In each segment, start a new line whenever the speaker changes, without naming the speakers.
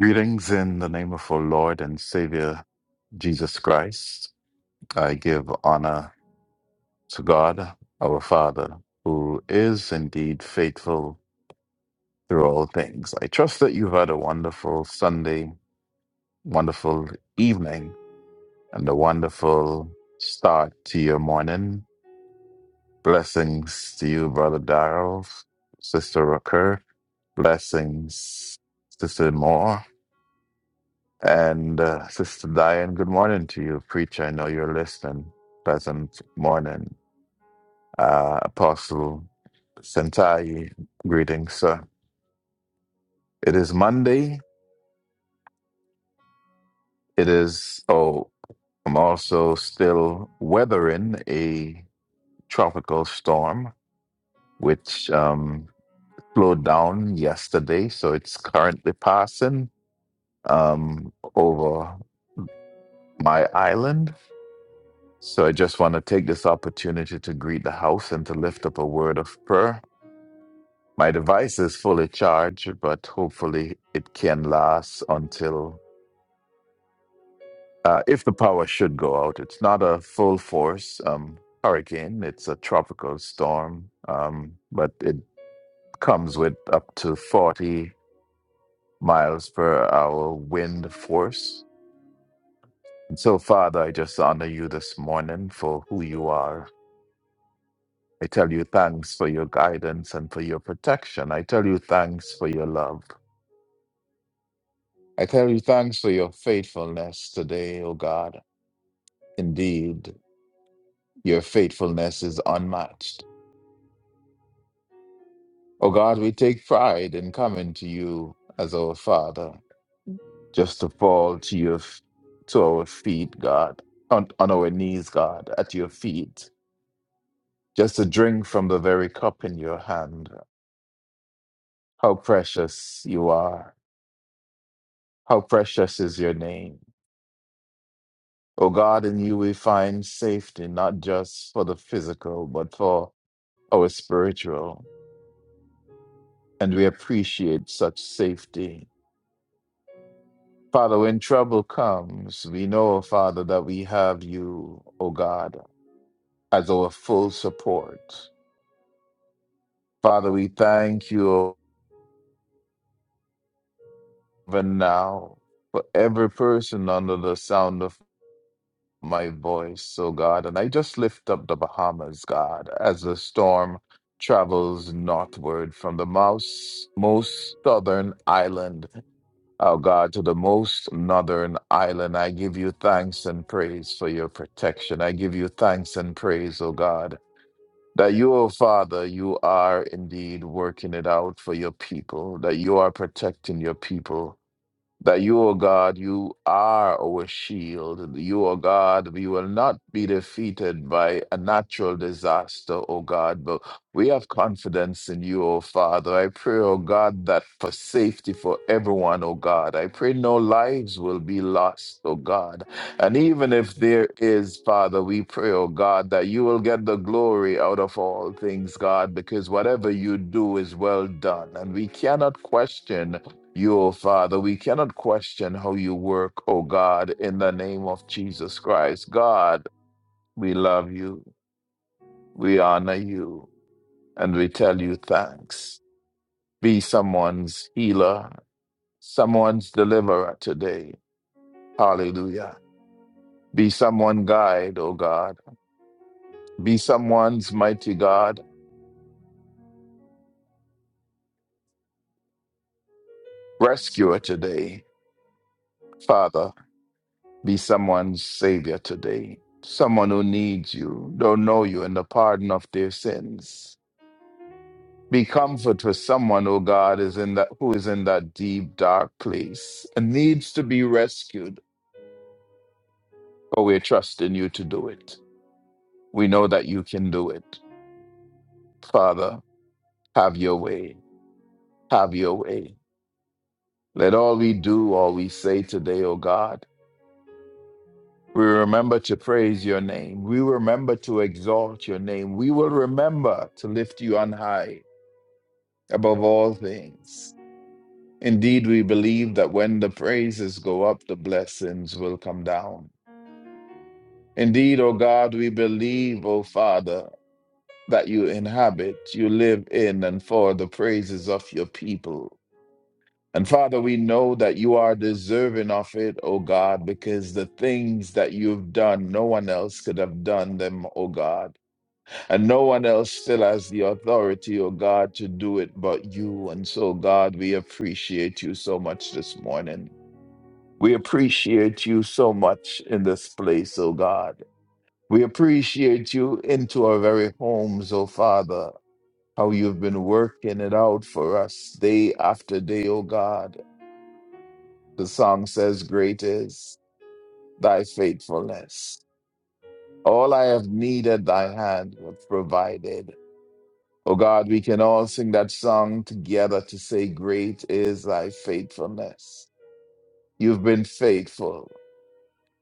Greetings in the name of our Lord and Savior Jesus Christ. I give honor to God, our Father, who is indeed faithful through all things. I trust that you've had a wonderful Sunday, wonderful evening, and a wonderful start to your morning. Blessings to you, Brother Darrell, Sister Rucker. Blessings, Sister Moore. And uh, Sister Diane, good morning to you. Preacher, I know you're listening. Pleasant morning. Uh, Apostle Sentai, greetings, sir. It is Monday. It is, oh, I'm also still weathering a tropical storm, which um, slowed down yesterday. So it's currently passing um, over my island So I just want to take this opportunity to greet the house and to lift up a word of prayer. My device is fully charged, but hopefully it can last until uh, if the power should go out. It's not a full force um, hurricane, it's a tropical storm, um, but it comes with up to 40 miles per hour wind force. And so, Father, I just honor you this morning for who you are I tell you thanks for your guidance and for your protection. I tell you thanks for your love. I tell you thanks for your faithfulness today, O God. Indeed, your faithfulness is unmatched. O God, we take pride in coming to you as our Father, just to fall to your f- to our feet, God, on, on our knees, God, at your feet, just to drink from the very cup in your hand. How precious you are. How precious is your name. O God, in you we find safety, not just for the physical, but for our spiritual. And we appreciate such safety. Father, when trouble comes, we know, Father, that we have you, O God, as our full support. Father, we thank you even now for every person under the sound of my voice, oh God, and I just lift up the Bahamas, God, as the storm travels northward from the most, most southern island, oh God, to the most northern island. I give you thanks and praise for your protection. I give you thanks and praise, oh God. That you, oh Father, you are indeed working it out for your people, that you are protecting your people, that you, O God, you are our shield. You, O God, we will not be defeated by a natural disaster, O God, but we have confidence in you, O Father. I pray, O God, that for safety for everyone, O God. I pray no lives will be lost, O God. And even if there is, Father, we pray, O God, that you will get the glory out of all things, God, because whatever you do is well done. And we cannot question you, O Father. We cannot question how you work, O God, in the name of Jesus Christ. God, we love you, we honor you, and we tell you thanks. Be someone's healer, someone's deliverer today. Hallelujah. Be someone's guide, O God. Be someone's mighty God, rescuer today. Father, be someone's savior today. Someone who needs you, don't know you, and the pardon of their sins. Be comfort for someone, oh God, is in that who is in that deep dark place and needs to be rescued. But we're trusting you to do it. We know that you can do it. Father, have your way. Have your way. Let all we do, all we say today, oh God. We remember to praise your name. We remember to exalt your name. We will remember to lift you on high above all things. Indeed, we believe that when the praises go up, the blessings will come down. Indeed, O God, we believe, O Father, that you inhabit, you live in and for the praises of your people. And Father, we know that you are deserving of it, O God, because the things that you've done, no one else could have done them, O God. And no one else still has the authority, O God, to do it but you. And so, God, we appreciate you so much this morning. We appreciate you so much in this place, O God. We appreciate you into our very homes, O Father, how you've been working it out for us day after day, O God. The song says, Great is thy faithfulness. All I have needed, thy hand hath provided. O God, we can all sing that song together to say, Great is thy faithfulness. You've been faithful.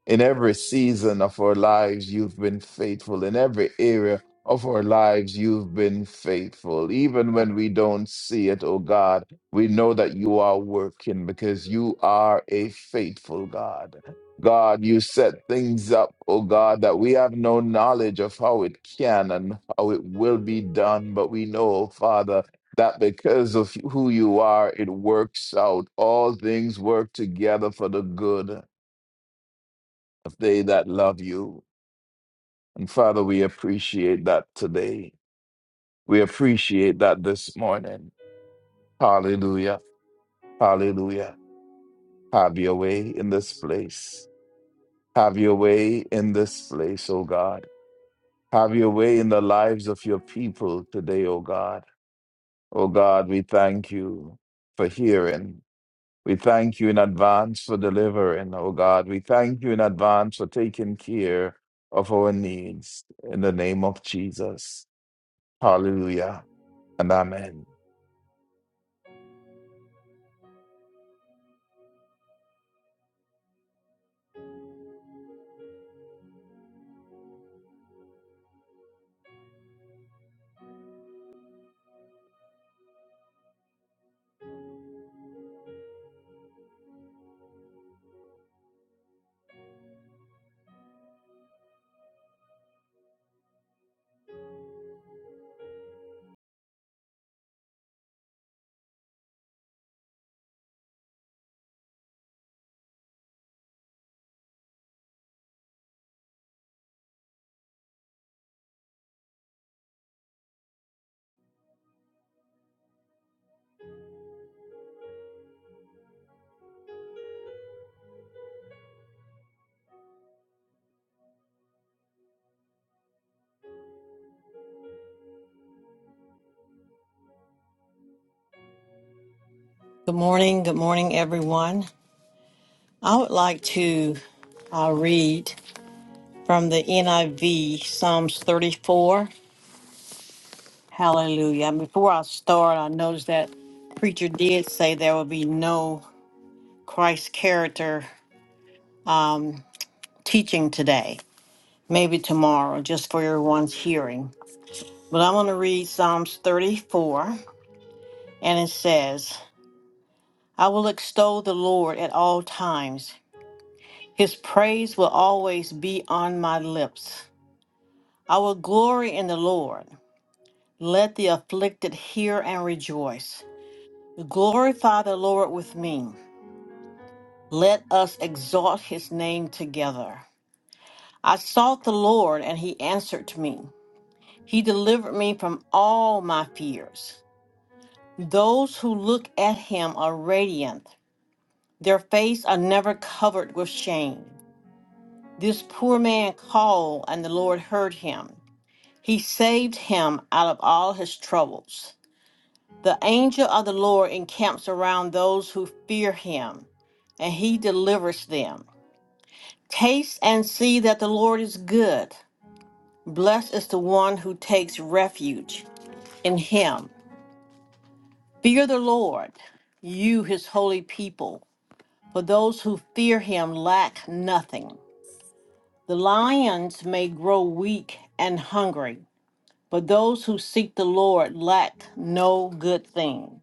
In every season of our lives, you've been faithful. In every area of our lives, you've been faithful. Even when we don't see it, oh God, we know that you are working because you are a faithful God. God, you set things up, oh God, that we have no knowledge of how it can and how it will be done. But we know, oh Father, that because of who you are, it works out. All things work together for the good of they that love you. And Father, we appreciate that today. We appreciate that this morning. Hallelujah. Hallelujah. Have your way in this place. Have your way in this place, O God. Have your way in the lives of your people today, O God. O God, we thank you for hearing. We thank you in advance for delivering, O God. We thank you in advance for taking care of our needs in the name of Jesus. Hallelujah and amen.
Good morning. Good morning, everyone. I would like to uh, read from the NIV Psalms 34. Hallelujah. And before I start, I noticed that preacher did say there will be no Christ character um, teaching today, maybe tomorrow, just for everyone's hearing. But I'm going to read Psalms 34, and it says, I will extol the Lord at all times. His praise will always be on my lips. Our glory in the Lord. Let the afflicted hear and rejoice. Glorify the Lord with me. Let us exalt his name together. I sought the Lord, and he answered me. He delivered me from all my fears. Those who look at him are radiant, their face are never covered with shame. This poor man called, and the Lord heard him. He saved him out of all his troubles. The angel of the Lord encamps around those who fear him, and he delivers them. Taste and see that the Lord is good. Blessed is the one who takes refuge in him. Fear the Lord, you his holy people, for those who fear him lack nothing. The lions may grow weak and hungry, but those who seek the Lord lack no good thing.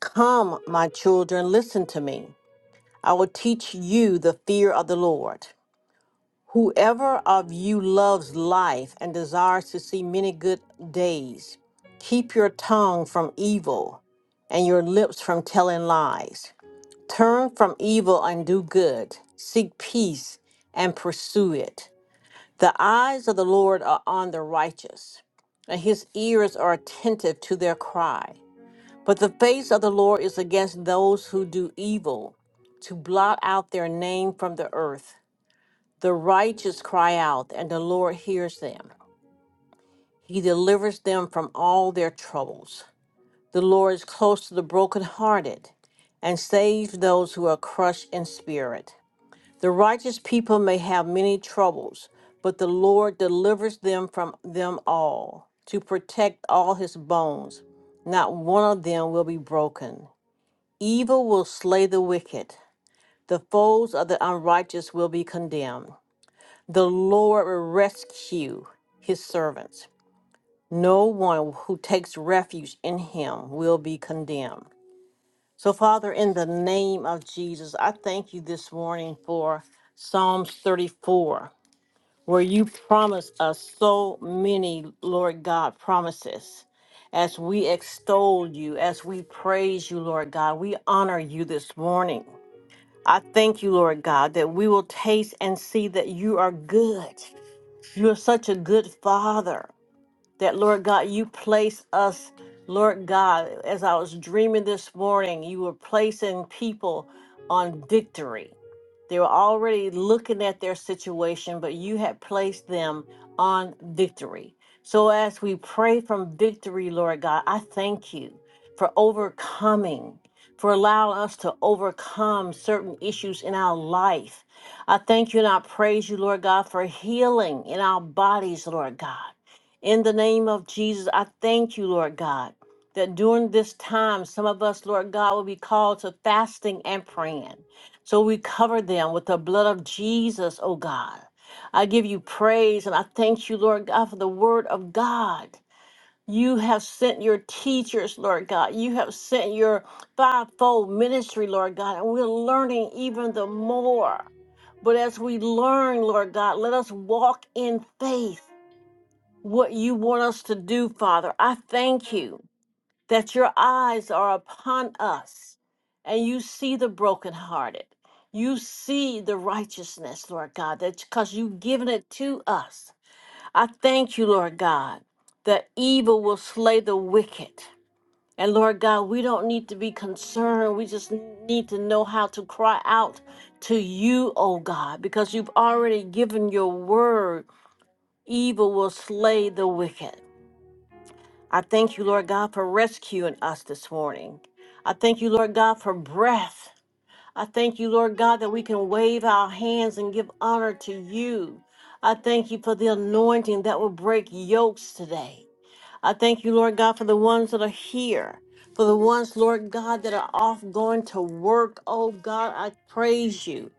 Come, my children, listen to me. I will teach you the fear of the Lord. Whoever of you loves life and desires to see many good days, keep your tongue from evil and your lips from telling lies. Turn from evil and do good. Seek peace and pursue it. The eyes of the Lord are on the righteous, and his ears are attentive to their cry. But the face of the Lord is against those who do evil, to blot out their name from the earth. The righteous cry out, and the Lord hears them. He delivers them from all their troubles. The Lord is close to the brokenhearted and saves those who are crushed in spirit. The righteous people may have many troubles, but the Lord delivers them from them all, to protect all his bones. Not one of them will be broken. Evil will slay the wicked, the foes of the unrighteous will be condemned. The Lord will rescue his servants. No one who takes refuge in him will be condemned. So, Father, in the name of Jesus, I thank you this morning for Psalms 34, where you promise us so many, Lord God, promises. As we extol you, as we praise you, Lord God, we honor you this morning. I thank you, Lord God, that we will taste and see that you are good. You're such a good father that Lord God, you place us, Lord God, as I was dreaming this morning, you were placing people on victory. They were already looking at their situation, but you had placed them on victory. So as we pray from victory, Lord God, I thank you for overcoming, for allowing us to overcome certain issues in our life. I thank you and I praise you, Lord God, for healing in our bodies, Lord God. In the name of Jesus, I thank you, Lord God, that during this time, some of us, Lord God, will be called to fasting and praying. So we cover them with the blood of Jesus, oh God. I give you praise and I thank you, Lord God, for the word of God. You have sent your teachers, Lord God. You have sent your fivefold ministry, Lord God, and we're learning even the more. But as we learn, Lord God, let us walk in faith what you want us to do, Father. I thank you that your eyes are upon us and you see the brokenhearted. You see the righteousness, Lord God, that's because you've given it to us. I thank you, Lord God, that evil will slay the wicked. And Lord God, we don't need to be concerned. We just need to know how to cry out to you, oh God, because you've already given your word evil will slay the wicked. I thank you, Lord God, for rescuing us this morning. I thank you, Lord God, for breath. I thank you, Lord God, that we can wave our hands and give honor to you. I thank you for the anointing that will break yokes today. I thank you, Lord God, for the ones that are here, for the ones, Lord God, that are off going to work. Oh God, I praise you.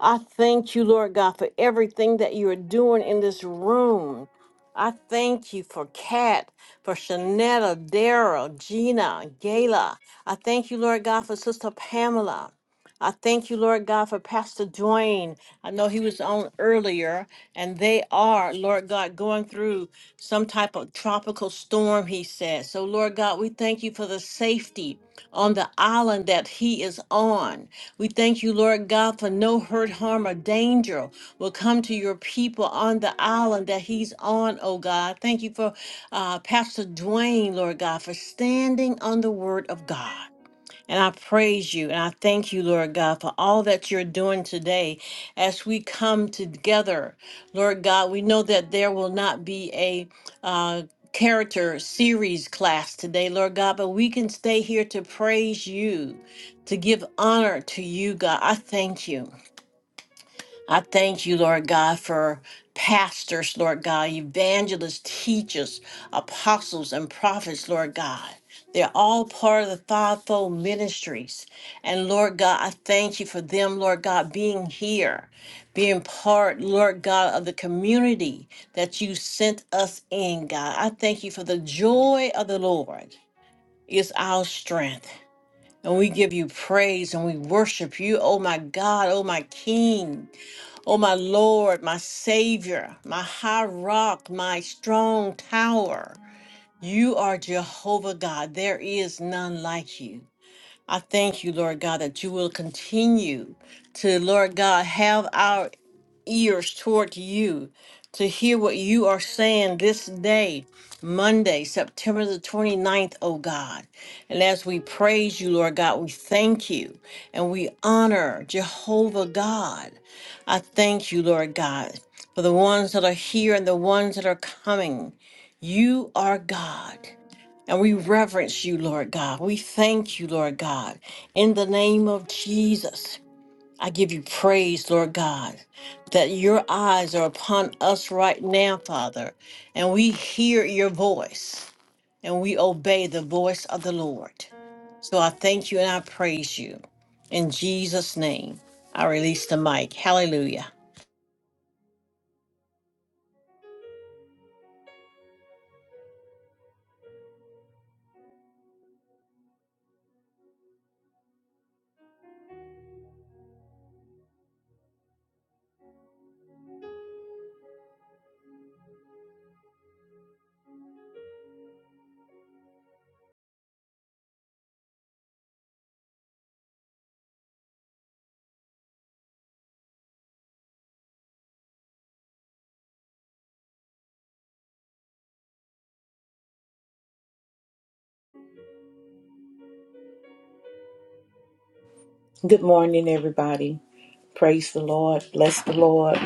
I thank you, Lord God, for everything that you are doing in this room. I thank you for Kat, for Shanetta, Daryl, Gina, Gayla. I thank you, Lord God, for Sister Pamela. I thank you, Lord God, for Pastor Dwayne. I know he was on earlier, and they are, Lord God, going through some type of tropical storm, he says. So, Lord God, we thank you for the safety on the island that he is on. We thank you, Lord God, for no hurt, harm, or danger will come to your people on the island that he's on, oh God. Thank you for uh, Pastor Dwayne, Lord God, for standing on the word of God. And I praise you and I thank you, Lord God, for all that you're doing today as we come together. Lord God, we know that there will not be a uh, character series class today, Lord God, but we can stay here to praise you, to give honor to you, God. I thank you. I thank you, Lord God, for pastors, Lord God, evangelists, teachers, apostles, and prophets, Lord God. They're all part of the fivefold ministries. And Lord God, I thank you for them, Lord God, being here, being part, Lord God, of the community that you sent us in, God. I thank you for the joy of the Lord is our strength. And we give you praise and we worship you, oh my God, oh my King. O my Lord, my Savior, my high rock, my strong tower. You are Jehovah God. There is none like you. I thank you, Lord God, that you will continue to, Lord God, have our ears toward you to hear what you are saying this day, Monday, September the twenty ninth. oh God. And as we praise you, Lord God, we thank you and we honor Jehovah God. I thank you, Lord God, for the ones that are here and the ones that are coming. You are God. And we reverence you, Lord God. We thank you, Lord God, in the name of Jesus. I give you praise, Lord God, that your eyes are upon us right now, Father, and we hear your voice and we obey the voice of the Lord. So I thank you and I praise you. In Jesus' name, I release the mic. Hallelujah.
Good morning, everybody. Praise the Lord. Bless the Lord.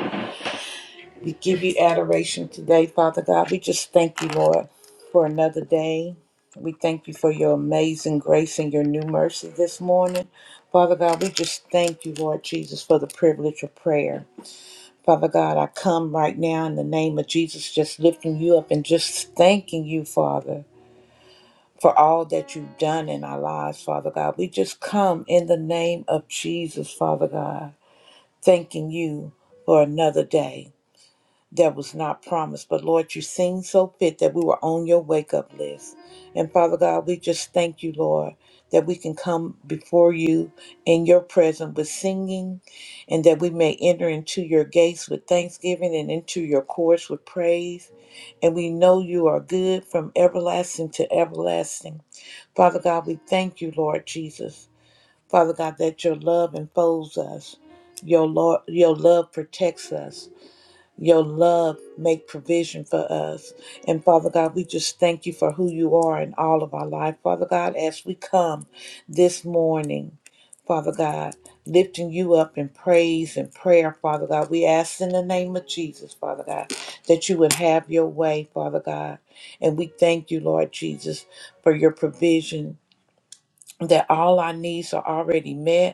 We give you adoration today, Father God. We just thank you, Lord, for another day. We thank you for your amazing grace and your new mercy this morning. Father God, we just thank you, Lord Jesus, for the privilege of prayer. Father God, I come right now in the name of Jesus, just lifting you up and just thanking you, Father, for all that you've done in our lives, Father God. We just come in the name of Jesus, Father God. thanking you for another day that was not promised. But Lord, you seemed so fit that we were on your wake up list. And Father God, we just thank you, Lord, that we can come before you in your presence with singing and that we may enter into your gates with thanksgiving and into your courts with praise. And we know you are good from everlasting to everlasting. Father God, we thank you, Lord Jesus. Father God, that your love enfolds us. Your Lord, your love protects us. Your love make provision for us. And Father God, we just thank you for who you are in all of our life. Father God, as we come this morning, Father God, lifting you up in praise and prayer, Father God. We ask in the name of Jesus, Father God, that you would have your way, Father God. And we thank you, Lord Jesus, for your provision, that all our needs are already met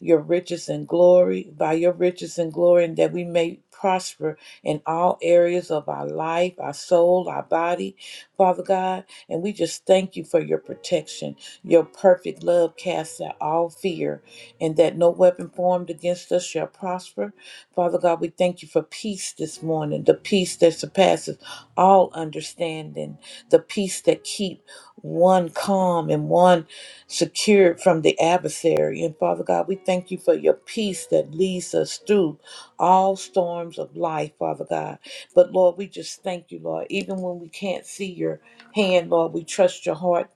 your riches and glory, by your riches and glory, and that we may prosper in all areas of our life, our soul, our body, Father God. And we just thank you for your protection. Your perfect love casts out all fear, and that no weapon formed against us shall prosper. Father God, we thank you for peace this morning, the peace that surpasses all understanding, the peace that keep one calm and one secured from the adversary. And Father God, we thank you for your peace that leads us through all storms of life, Father God. But Lord, we just thank you, Lord. Even when we can't see your hand, Lord, we trust your heart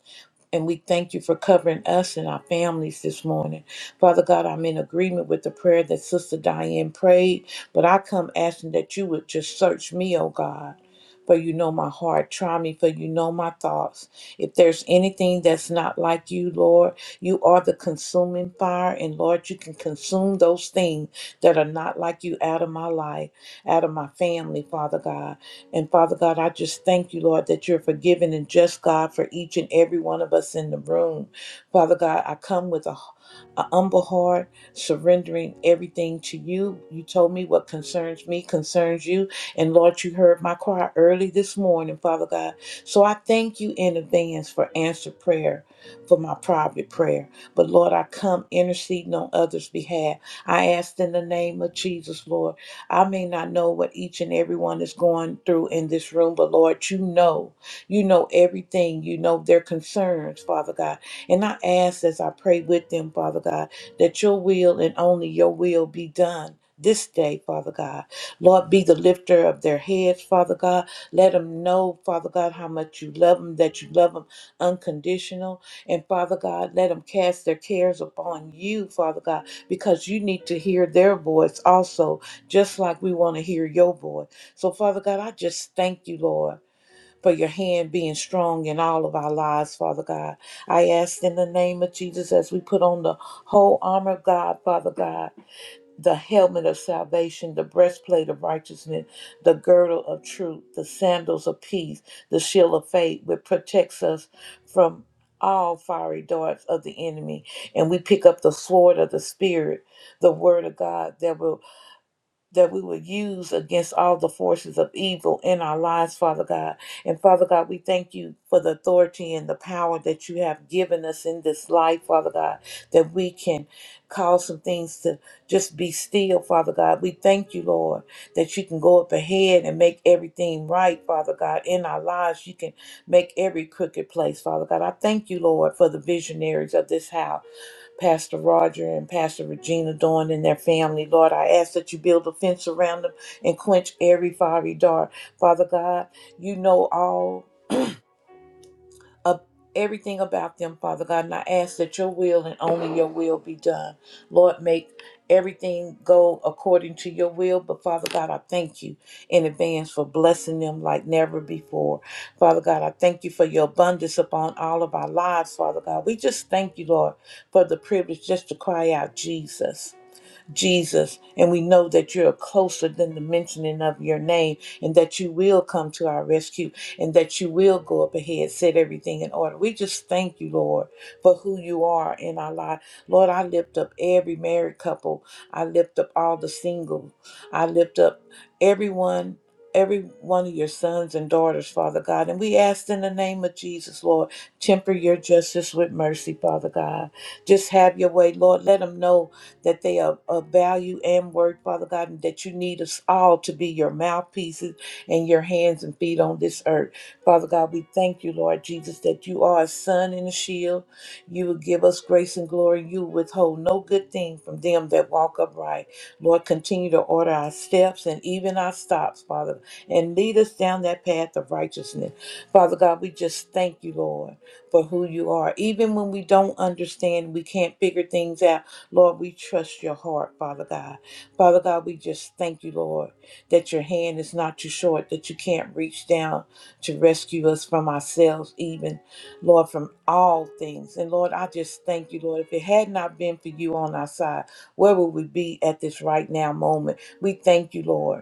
and we thank you for covering us and our families this morning. Father God, I'm in agreement with the prayer that Sister Diane prayed, but I come asking that you would just search me, oh God. For you know my heart. Try me, for you know my thoughts. If there's anything that's not like you, Lord, you are the consuming fire, and Lord, you can consume those things that are not like you out of my life, out of my family, Father God. And Father God, I just thank you, Lord, that you're forgiving and just God for each and every one of us in the room. Father God, I come with a a humble heart, surrendering everything to you. You told me what concerns me concerns you. And Lord, you heard my cry early this morning, Father God. So I thank you in advance for answered prayer, for my private prayer. But Lord, I come interceding on others' behalf. I ask in the name of Jesus, Lord. I may not know what each and everyone is going through in this room, but Lord, you know. You know everything. You know their concerns, Father God. And I ask as I pray with them, Father God, that your will and only your will be done. This day, Father God. Lord, be the lifter of their heads, Father God. Let them know, Father God, how much you love them, that you love them unconditional. And Father God, let them cast their cares upon you, Father God, because you need to hear their voice also, just like we want to hear your voice. So, Father God, I just thank you, Lord. For your hand being strong in all of our lives, Father God. I ask in the name of Jesus as we put on the whole armor of God, Father God, the helmet of salvation, the breastplate of righteousness, the girdle of truth, the sandals of peace, the shield of faith, which protects us from all fiery darts of the enemy. And we pick up the sword of the Spirit, the word of God that will that we would use against all the forces of evil in our lives, Father God. And Father God, we thank you for the authority and the power that you have given us in this life, Father God, that we can cause some things to just be still, Father God. We thank you, Lord, that you can go up ahead and make everything right, Father God, in our lives. You can make every crooked place, Father God. I thank you, Lord, for the visionaries of this house. Pastor Roger and Pastor Regina Dawn and their family. Lord, I ask that you build a fence around them and quench every fiery dart. Father God, you know all of everything about them, Father God. And I ask that your will and only your will be done. Lord, make everything go according to your will. But Father God, I thank you in advance for blessing them like never before. Father God, I thank you for your abundance upon all of our lives, Father God. We just thank you, Lord, for the privilege just to cry out, Jesus. Jesus, and we know that you're closer than the mentioning of your name, and that you will come to our rescue, and that you will go up ahead, set everything in order. We just thank you, Lord, for who you are in our life. Lord, I lift up every married couple, I lift up all the single, I lift up everyone. Every one of your sons and daughters, Father God. And we ask in the name of Jesus, Lord, temper your justice with mercy, Father God. Just have your way, Lord. Let them know that they are of value and worth, Father God, and that you need us all to be your mouthpieces and your hands and feet on this earth. Father God, we thank you, Lord Jesus, that you are a sun and a shield. You will give us grace and glory. You will withhold no good thing from them that walk upright. Lord, continue to order our steps and even our stops, Father, and lead us down that path of righteousness. Father God, we just thank you, Lord, for who you are. Even when we don't understand, we can't figure things out. Lord, we trust your heart, Father God. Father God, we just thank you, Lord, that your hand is not too short, that you can't reach down to rescue us from ourselves, even, Lord, from all things. And Lord, I just thank you, Lord. If it had not been for you on our side, where would we be at this right now moment? We thank you, Lord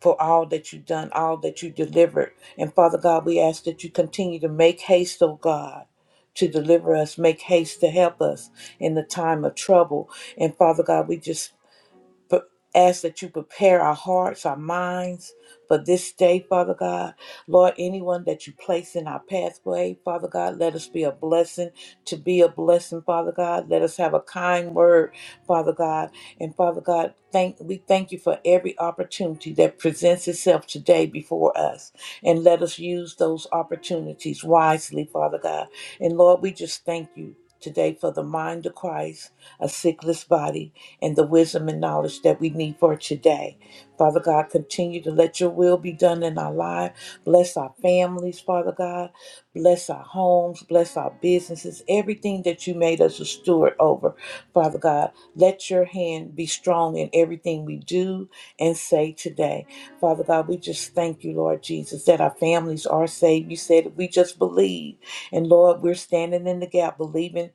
for all that you've done, all that you delivered. And Father God, we ask that you continue to make haste, O God, to deliver us, make haste to help us in the time of trouble. And Father God, we just Pre- Ask that you prepare our hearts, our minds for this day, Father God. Lord, anyone that you place in our pathway, Father God, let us be a blessing to be a blessing, Father God. Let us have a kind word, Father God. And Father God, thank we thank you for every opportunity that presents itself today before us. And let us use those opportunities wisely, Father God. And Lord, we just thank you today for the mind of Christ, a sickless body and the wisdom and knowledge that we need for today. Father God, continue to let your will be done in our life. Bless our families, Father God. Bless our homes. Bless our businesses. Everything that you made us a steward over, Father God. Let your hand be strong in everything we do and say today. Father God, we just thank you, Lord Jesus, that our families are saved. You said if we just believe. And Lord, we're standing in the gap, believing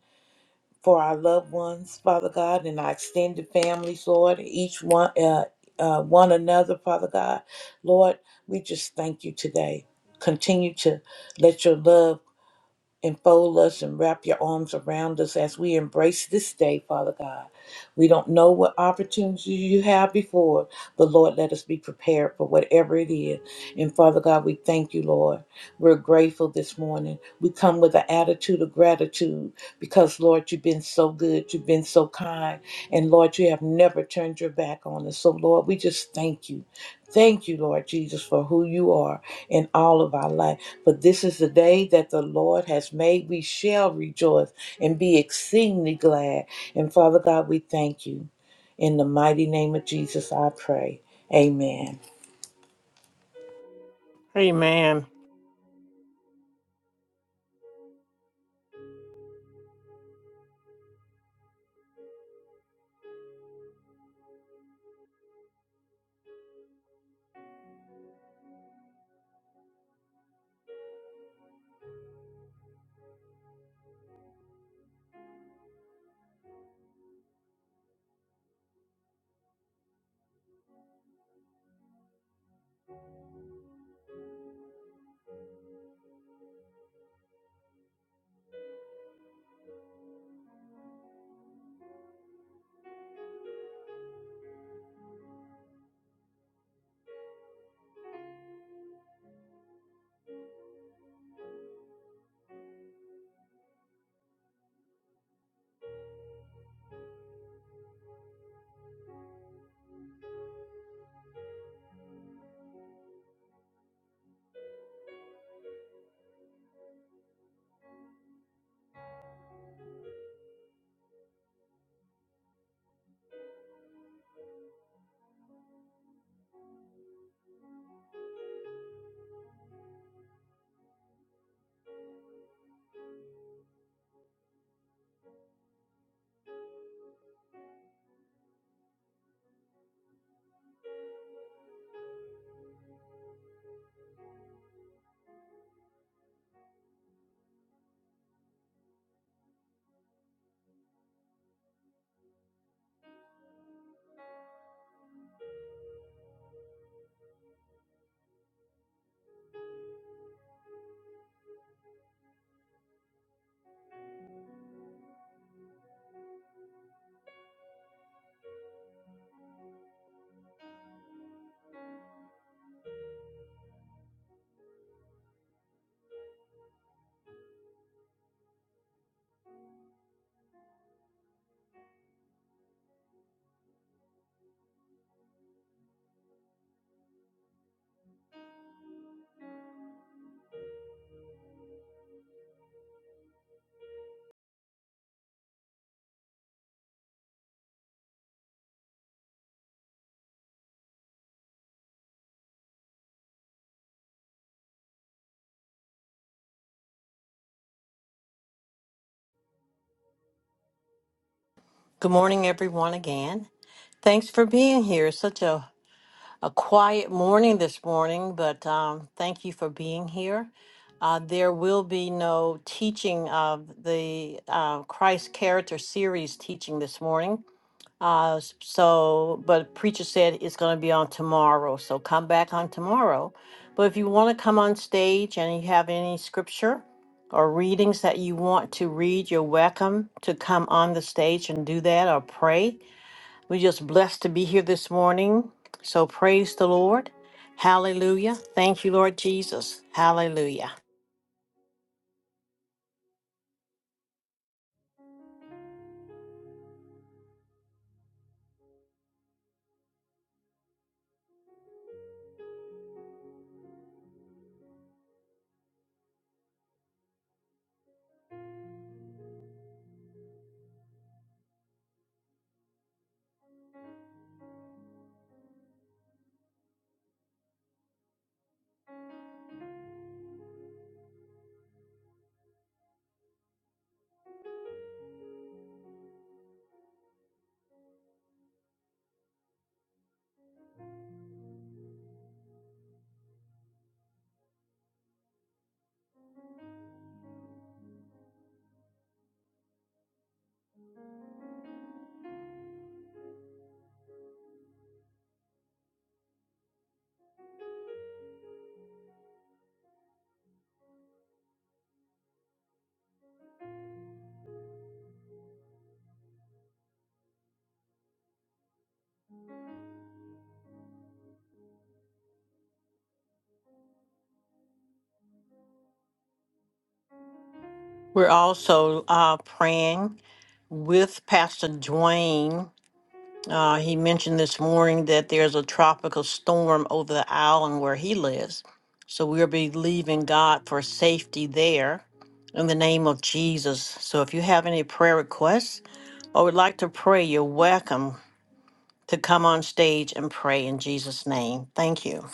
for our loved ones, Father God, and our extended families, Lord, each one, uh, uh, one another, Father God. Lord, we just thank you today. Continue to let your love and fold us and wrap your arms around us as we embrace this day, Father God. We don't know what opportunities you have before, but Lord, let us be prepared for whatever it is. And Father God, we thank you, Lord. We're grateful this morning. We come with an attitude of gratitude because, Lord, you've been so good. You've been so kind. And Lord, you have never turned your back on us. So, Lord, we just thank you. Thank you, Lord Jesus, for who you are in all of our life. For this is the day that the Lord has made. We shall rejoice and be exceedingly glad. And Father God, we thank you. In the mighty name of Jesus, I pray. Amen.
Amen. Good morning, everyone, again. Thanks for being here. Such a a quiet morning this morning, but um, thank you for being here. Uh, there will be no teaching of the uh, Christ Character Series teaching this morning. Uh, s- so, but preacher said it's going to be on tomorrow. So come back on tomorrow. But if you want to come on stage and you have any scripture or readings that you want to read, you're welcome to come on the stage and do that or pray. We're just blessed to be here this morning. So praise the Lord. Hallelujah. Thank you, Lord Jesus. Hallelujah. We're also uh, praying with Pastor Dwayne. Uh, he mentioned this morning that there's a tropical storm over the island where he lives. So we're believing God for safety there in the name of Jesus. So if you have any prayer requests or would like to pray, you're welcome. to come on stage and pray in Jesus' name. Thank you.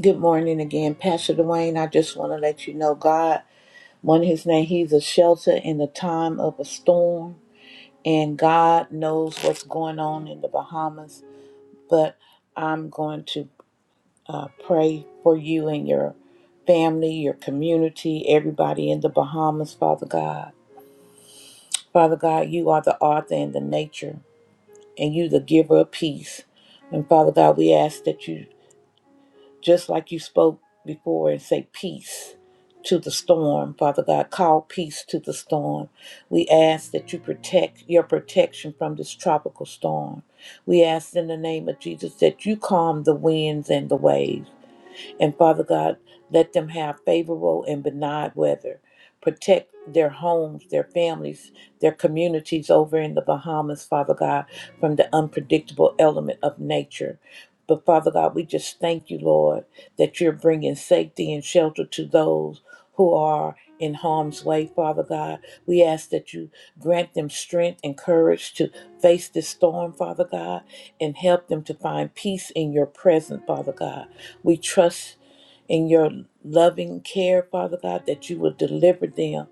Good morning again, Pastor Dwayne. I just want to let you know God, one of his name, he's a shelter in the time of a storm. And God knows what's going on in the Bahamas. But I'm going to uh, pray for you and your family, your community, everybody in the Bahamas, Father God. Father God, you are the author and the nature, and you the giver of peace. And Father God, we ask that you, just like you spoke before, and say peace to the storm. Father God, call peace to the storm. We ask that you protect your protection from this tropical storm. We ask in the name of Jesus that you calm the winds and the waves. And Father God, let them have favorable and benign weather. Protect their homes, their families, their communities over in the Bahamas, Father God, from the unpredictable element of nature. But Father God, we just thank you, Lord, that you're bringing safety and shelter to those who are in harm's way, Father God. We ask that you grant them strength and courage to face this storm, Father God, and help them to find peace in your presence, Father God. We trust in your loving care, Father God, that you will deliver them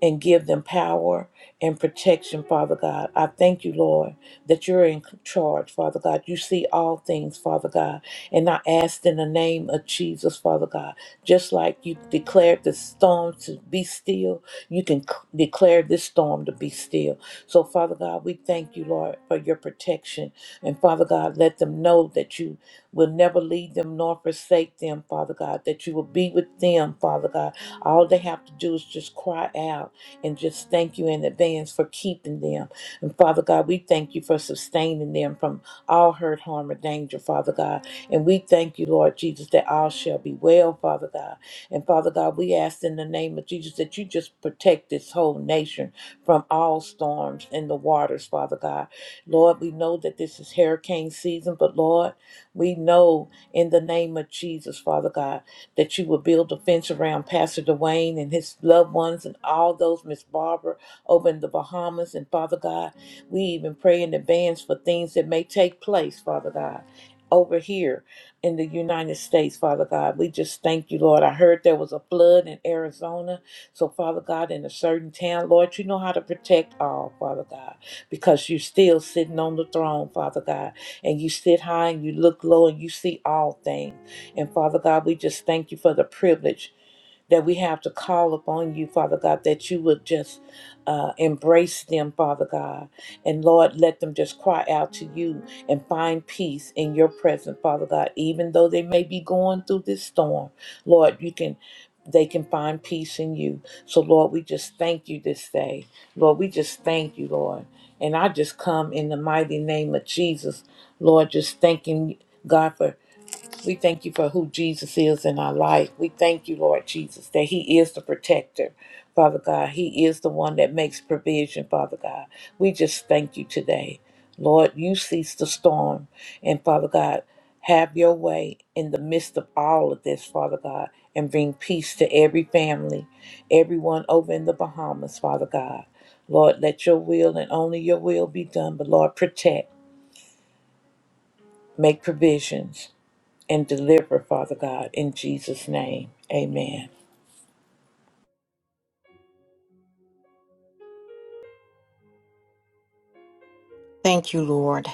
and give them power and protection, Father God. I thank you, Lord, that you're in charge, Father God. You see all things, Father God. And I ask in the name of Jesus, Father God, just like you declared the storm to be still, you can c- declare this storm to be still. So, Father God, we thank you, Lord, for your protection. And Father God, let them know that you will never leave them nor forsake them, Father God, that you will be with them, Father God. All they have to do is just cry out and just thank you in advance for keeping them. And Father God, we thank you for sustaining them from all hurt, harm, or danger, Father God. And we thank you, Lord Jesus, that all shall be well, Father God. And Father God, we ask in the name of Jesus that you just protect this whole nation from all storms in the waters, Father God. Lord, we know that this is hurricane season, but Lord, we know in the name of Jesus, Father God that you will build a fence around Pastor Dwayne and his loved ones and all those, Miss Barbara, over in the Bahamas. And Father God, we even pray in advance for things that may take place, Father God. Over here in the United States, Father God, we just thank you, Lord. I heard there was a flood in Arizona. So, Father God, in a certain town, Lord, you know how to protect all, Father God, because you're still sitting on the throne, Father God, and you sit high and you look low and you see all things. And Father God, we just thank you for the privilege that we have to call upon you, Father God, that you would just uh, embrace them, Father God. And Lord, let them just cry out to you and find peace in your presence, Father God. Even though they may be going through this storm, Lord, you can. They can find peace in you. So, Lord, we just thank you this day. Lord, we just thank you, Lord. And I just come in the mighty name of Jesus, Lord, just thanking God for we thank you for who Jesus is in our life. We thank you, Lord Jesus, that He is the protector, Father God. He is the one that makes provision, Father God. We just thank you today. Lord, you cease the storm. And Father God, have your way in the midst of all of this, Father God, and bring peace to every family, everyone over in the Bahamas, Father God. Lord, let your will and only your will be done. But Lord, protect, make provisions and deliver, Father God, in Jesus' name. Amen.
Thank you, Lord.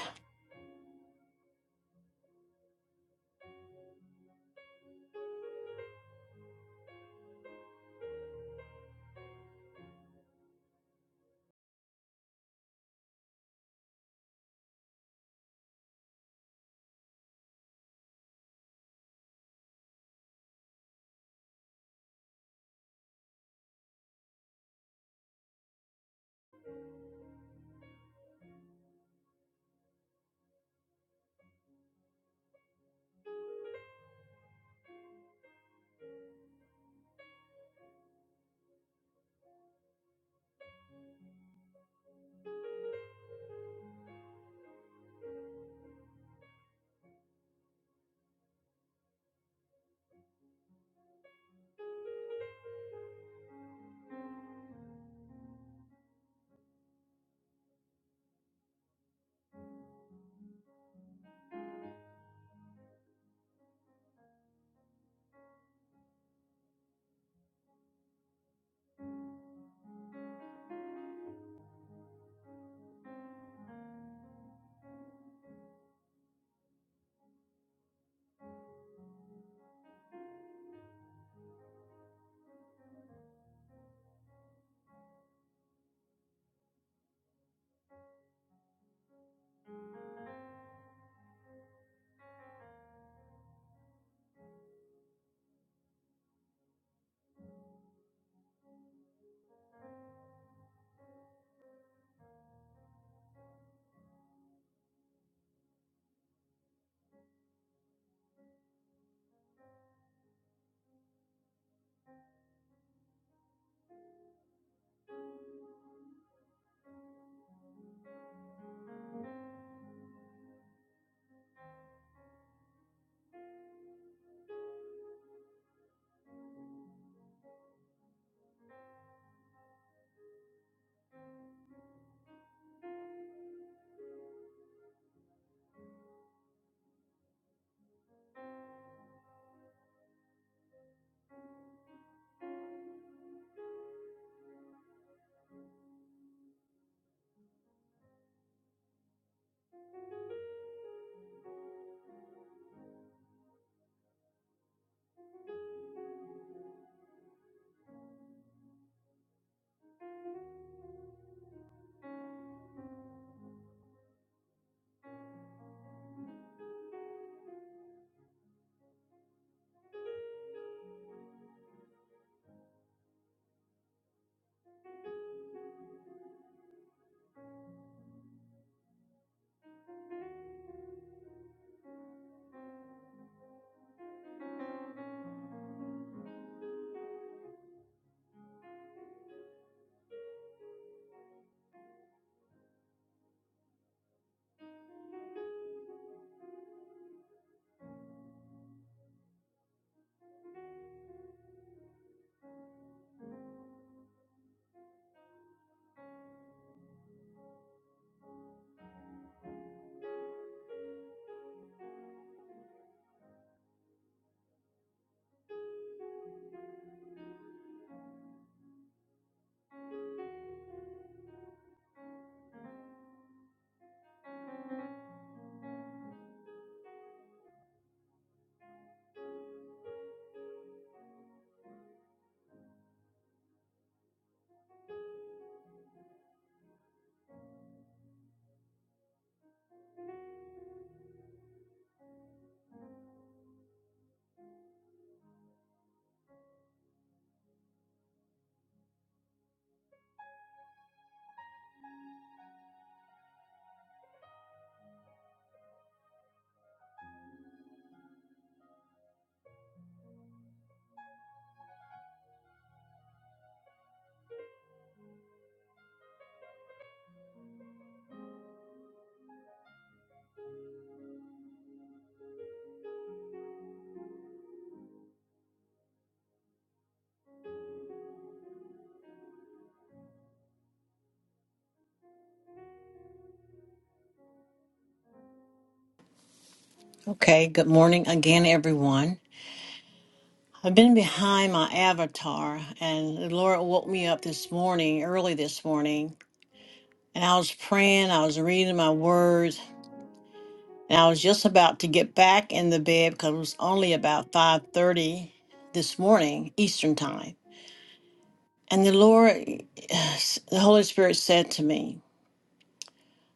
Okay, good morning again, everyone. I've been behind my avatar, and the Lord woke me up this morning, early this morning, and I was praying, I was reading my words, and I was just about to get back in the bed because it was only about 5.30 this morning, Eastern time. And the Lord, the Holy Spirit said to me,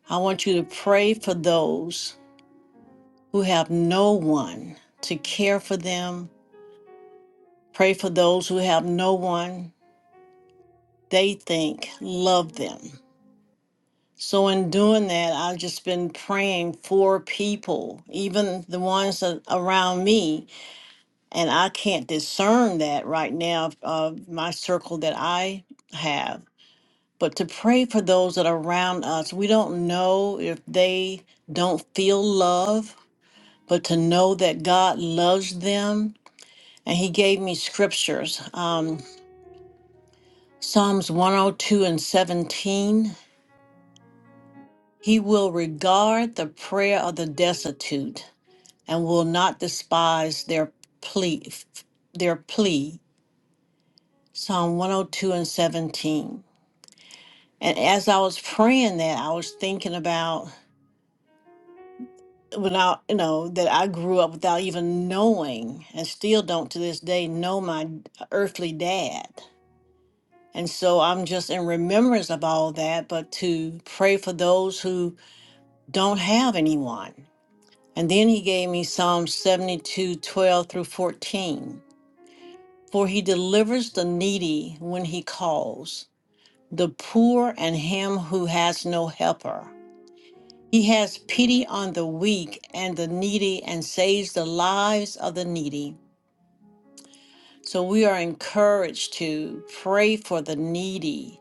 I want you to pray for those who have no one to care for them. Pray for those who have no one they think love them. So, in doing that, I've just been praying for people, even the ones that around me. And I can't discern that right now of of my circle that I have. But to pray for those that are around us, we don't know if they don't feel love, but to know that God loves them and he gave me scriptures um, Psalms 102 and 17. He will regard the prayer of the destitute and will not despise their plea. Their plea. Psalm 102 and 17. And as I was praying that, I was thinking about when I, you know, that I grew up without even knowing and still don't to this day know my earthly dad And so I'm just in remembrance of all that, but to pray for those who don't have anyone. And then he gave me Psalm 72, 12 through 14. For he delivers the needy when he calls, the poor and him who has no helper. He has pity on the weak and the needy and saves the lives of the needy. So we are encouraged to pray for the needy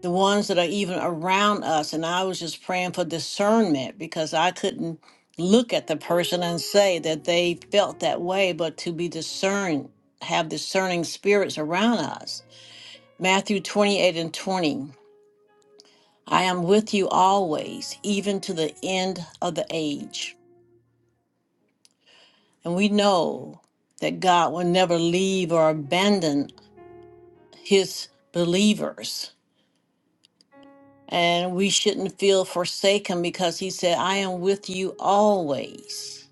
the ones that are even around us. And I was just praying for discernment because I couldn't look at the person and say that they felt that way, but to be discerned, have discerning spirits around us. Matthew 28 and 20. I am with you always, even to the end of the age. And we know that God will never leave or abandon his believers And we shouldn't feel forsaken because he said, I am with you always.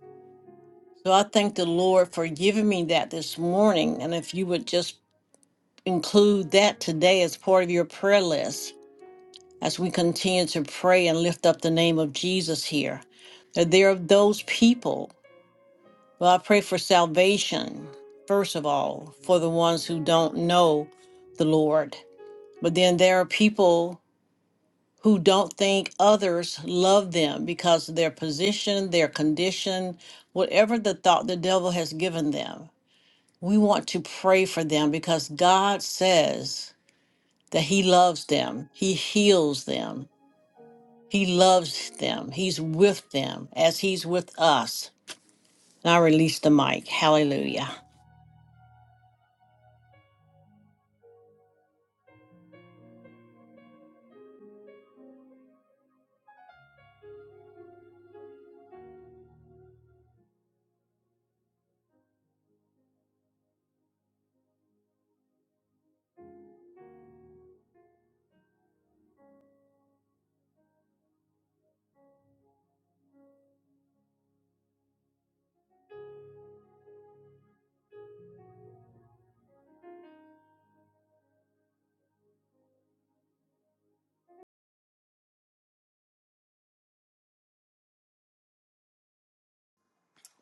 So I thank the Lord for giving me that this morning. And if you would just include that today as part of your prayer list as we continue to pray and lift up the name of Jesus here, that there are those people. Well, I pray for salvation, first of all, for the ones who don't know the Lord. But then there are people who don't think others love them because of their position, their condition, whatever the thought the devil has given them. We want to pray for them because God says that He loves them, He heals them, He loves them, He's with them as He's with us. And I release the mic. Hallelujah.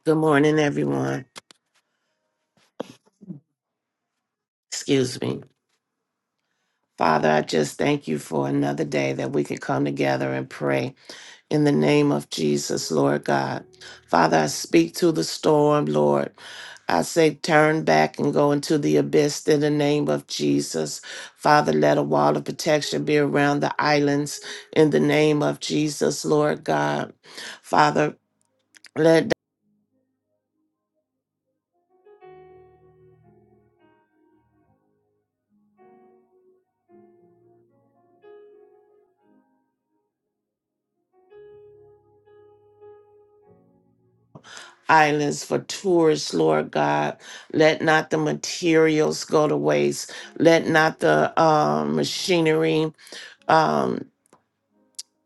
Good morning, everyone. Excuse me. Father, I just thank you for another day that we could come together and pray in the name of Jesus, Lord God. Father, I speak to the storm, Lord. I say, turn back and go into the abyss in the name of Jesus. Father, let a wall of protection be around the islands in the name of Jesus, Lord God. Father, let islands for tourists, Lord God. Let not the materials go to waste. Let not the um, machinery. um,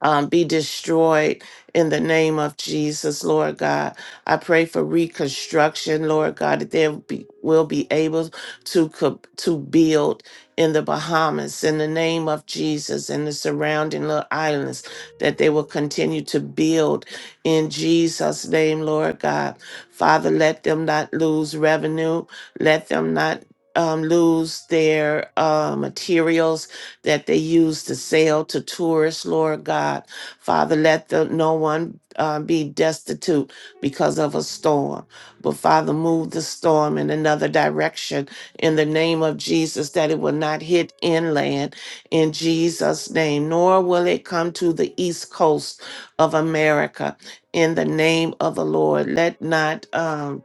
um, be destroyed in the name of Jesus, Lord God. I pray for reconstruction, Lord God, that they be, will be able to co- to build in the Bahamas in the name of Jesus and the surrounding little islands, that they will continue to build in Jesus' name, Lord God. Father, let them not lose revenue. Let them not um, lose their uh, materials that they use to sell to tourists, Lord God. Father, let the, no one uh, be destitute because of a storm. But Father, move the storm in another direction in the name of Jesus, that it will not hit inland in Jesus' name, nor will it come to the east coast of America in the name of the Lord. Let not um,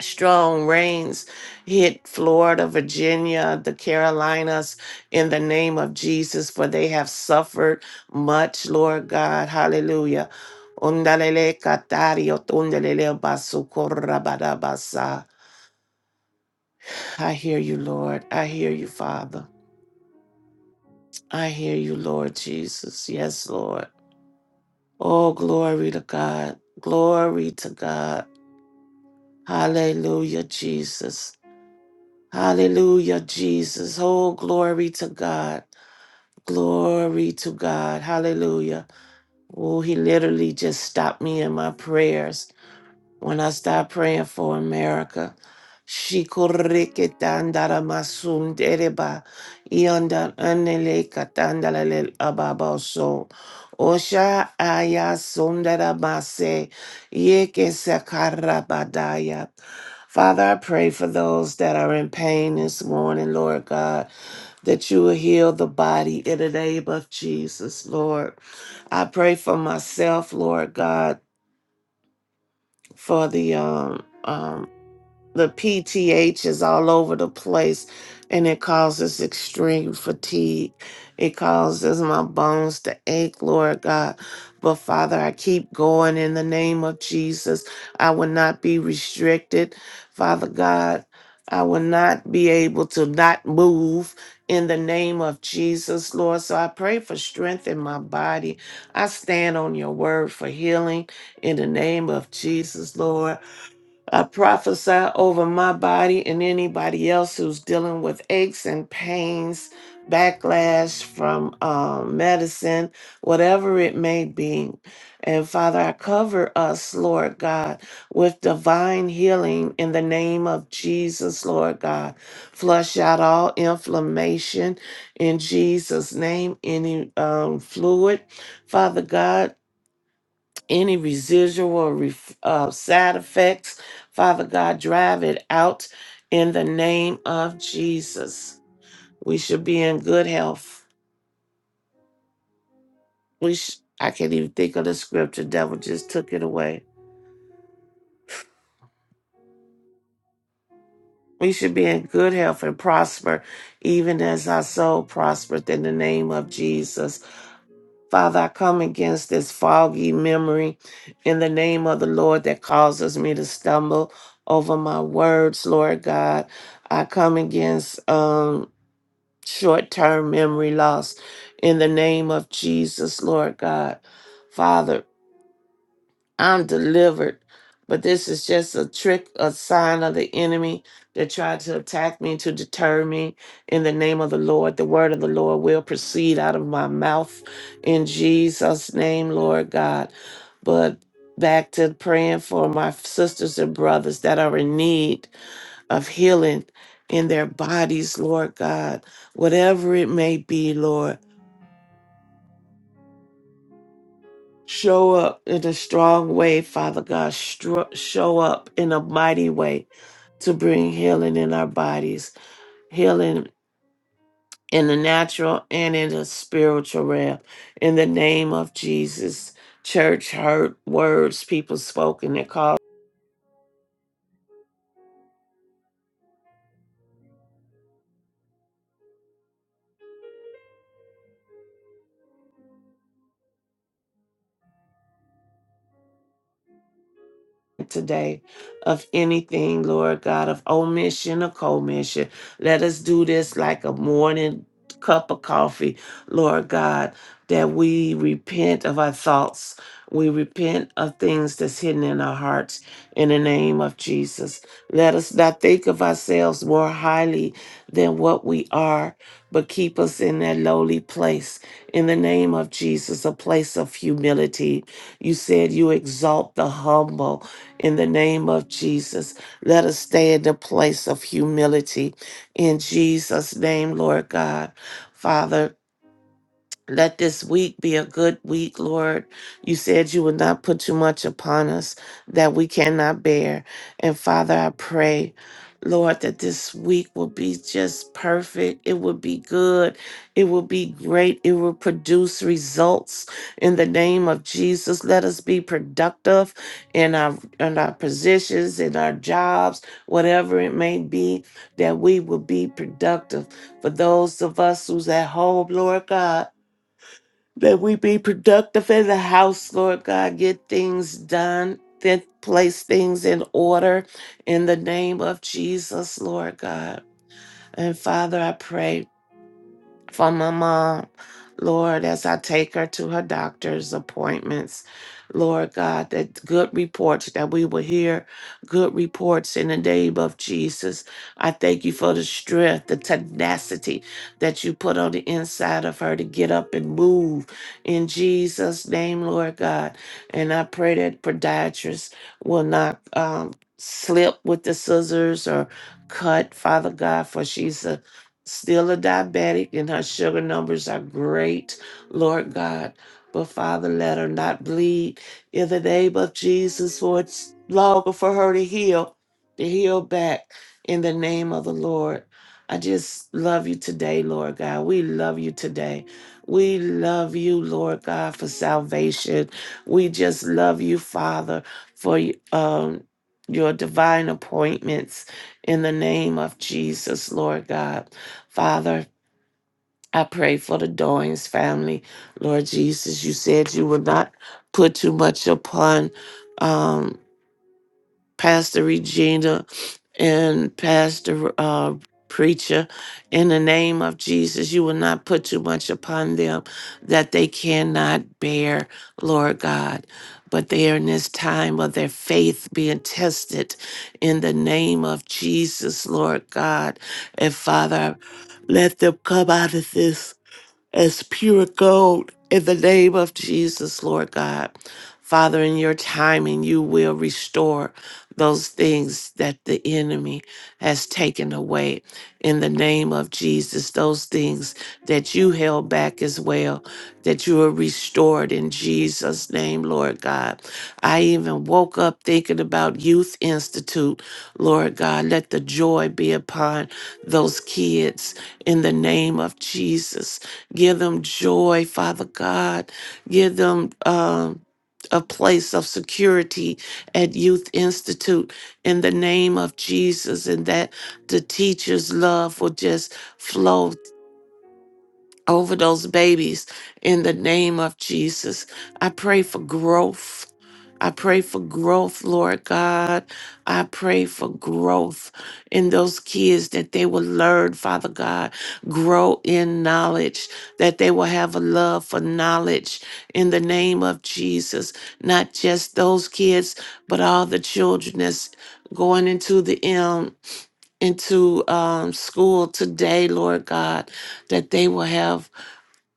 strong rains hit Florida, Virginia, the Carolinas in the name of Jesus, for they have suffered much, Lord God. Hallelujah. Undalele katario tundelele basukorra I hear you, Lord. I hear you, Father. I hear you, Lord Jesus. Yes, Lord. Oh, glory to God. Glory to God. Hallelujah, Jesus. Hallelujah, Jesus. Oh, glory to God. Glory to God. Hallelujah. Oh, he literally just stopped me in my prayers. When I start praying for America, Shikurikitandara masundereba ianda anele katandala le ababa so osha aya sundara mase yeke sakara badaya. Father, I pray for those that are in pain this morning, Lord God, that you will heal the body in the name of Jesus, Lord. I pray for myself, Lord God, for the um um the PTH is all over the place and it causes extreme fatigue. It causes my bones to ache, Lord God. But Father, I keep going in the name of Jesus. I will not be restricted. Father God, I will not be able to not move in the name of Jesus, Lord. So I pray for strength in my body. I stand on your word for healing in the name of Jesus, Lord. I prophesy over my body and anybody else who's dealing with aches and pains, backlash from um, medicine, whatever it may be. And Father, I cover us, Lord God, with divine healing in the name of Jesus, Lord God. Flush out all inflammation in Jesus' name, any um, fluid, Father God any residual ref- uh, side effects. Father God, drive it out in the name of Jesus. We should be in good health. We sh- I can't even think of the scripture. Devil just took it away. We should be in good health and prosper, even as our soul prospereth in the name of Jesus. Father, I come against this foggy memory in the name of the Lord that causes me to stumble over my words, Lord God. I come against um, short term memory loss in the name of Jesus, Lord God. Father, I'm delivered. But this is just a trick, a sign of the enemy that tried to attack me, to deter me. In the name of the Lord, the word of the Lord will proceed out of my mouth in Jesus' name, Lord God. But back to praying for my sisters and brothers that are in need of healing in their bodies, Lord God, whatever it may be, Lord. Show up in a strong way, Father God. Stro- show up in a mighty way to bring healing in our bodies, healing in the natural and in the spiritual realm. In the name of Jesus, church heard words people spoken that caused. today of anything, Lord God, of omission or commission. Let us do this like a morning cup of coffee, Lord God, that we repent of our thoughts. We repent of things that's hidden in our hearts in the name of Jesus. Let us not think of ourselves more highly than what we are, but keep us in that lowly place in the name of Jesus, a place of humility. You said you exalt the humble in the name of Jesus. Let us stay in the place of humility in Jesus' name, Lord God. Father, let this week be a good week, Lord. You said you would not put too much upon us that we cannot bear. And Father, I pray, Lord, that this week will be just perfect. It will be good. It will be great. It will produce results in the name of Jesus. Let us be productive in our in our positions, in our jobs, whatever it may be, that we will be productive. For those of us who's at home, Lord God that we be productive in the house, Lord God. Get things done, then place things in order in the name of Jesus, Lord God. And Father, I pray for my mom. Lord, as I take her to her doctor's appointments, Lord God, that good reports that we will hear, good reports in the name of Jesus. I thank you for the strength, the tenacity that you put on the inside of her to get up and move in Jesus' name, Lord God. And I pray that podiatrists will not um, slip with the scissors or cut, Father God, for she's a still a diabetic and her sugar numbers are great, Lord God. But Father, let her not bleed in the name of Jesus, for it's longer for her to heal, to heal back in the name of the Lord. I just love you today, Lord God. We love you today. We love you, Lord God, for salvation. We just love you, Father, for um, your divine appointments in the name of Jesus, Lord God. Father, I pray for the Doyens family. Lord Jesus, you said you would not put too much upon um, Pastor Regina and Pastor uh, Preacher, in the name of Jesus, you will not put too much upon them that they cannot bear, Lord God. But they are in this time of their faith being tested in the name of Jesus, Lord God. And Father, let them come out of this as pure gold in the name of Jesus, Lord God. Father, in your timing, you will restore those things that the enemy has taken away in the name of Jesus. Those things that you held back as well, that you are restored in Jesus' name, Lord God. I even woke up thinking about Youth Institute, Lord God. Let the joy be upon those kids in the name of Jesus. Give them joy, Father God. Give them um, a place of security at Youth Institute in the name of Jesus, and that the teacher's love will just flow over those babies in the name of Jesus. I pray for growth. I pray for growth, Lord God. I pray for growth in those kids that they will learn, Father God, grow in knowledge, that they will have a love for knowledge in the name of Jesus. Not just those kids, but all the children that's going into the um, into um, school today, Lord God, that they will have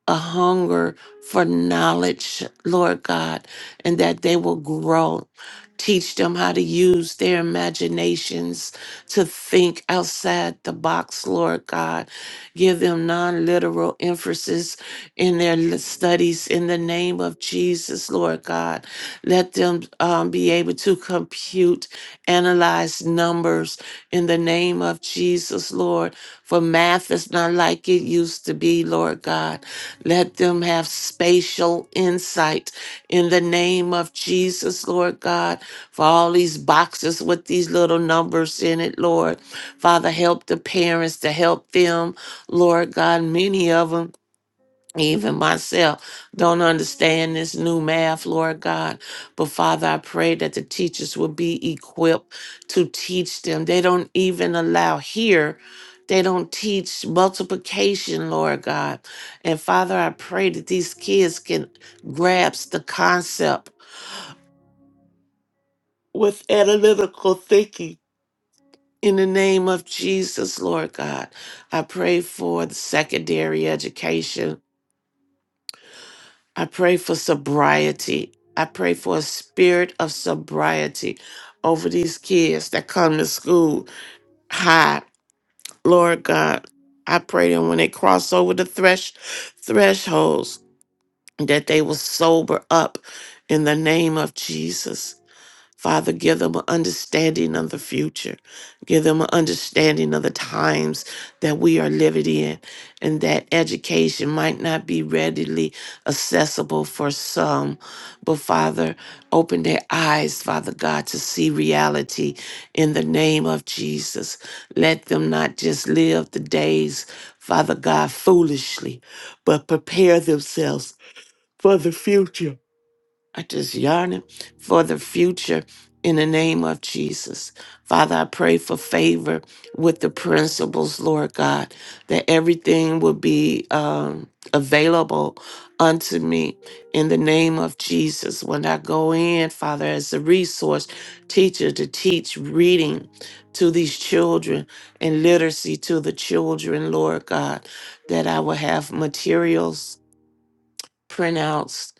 a hunger for knowledge, Lord God, and that they will grow. Teach them how to use their imaginations to think outside the box, Lord God. Give them non literal emphasis in their l- studies in the name of Jesus, Lord God. Let them um, be able to compute, analyze numbers in the name of Jesus, Lord. For math is not like it used to be, Lord God let them have spatial insight in the name of Jesus, Lord God, for all these boxes with these little numbers in it, Lord. Father, help the parents to help them, Lord God. Many of them. Even myself don't understand this new math, Lord God. But Father, I pray that the teachers will be equipped to teach them. They don't even allow here, they don't teach multiplication, Lord God. And Father, I pray that these kids can grasp the concept with analytical thinking. In the name of Jesus, Lord God, I pray for the secondary education I pray for sobriety. I pray for a spirit of sobriety over these kids that come to school high. Lord God, I pray that when they cross over the thresh thresholds, that they will sober up in the name of Jesus. Father, give them an understanding of the future. Give them an understanding of the times that we are living in, and that education might not be readily accessible for some. But Father, open their eyes, Father God, to see reality in the name of Jesus. Let them not just live the days, Father God, foolishly, but prepare themselves for the future I just yearning for the future in the name of Jesus. Father, I pray for favor with the principles, Lord God, that everything will be um, available unto me in the name of Jesus. When I go in, Father, as a resource teacher to teach reading to these children and literacy to the children, Lord God, that I will have materials printouts,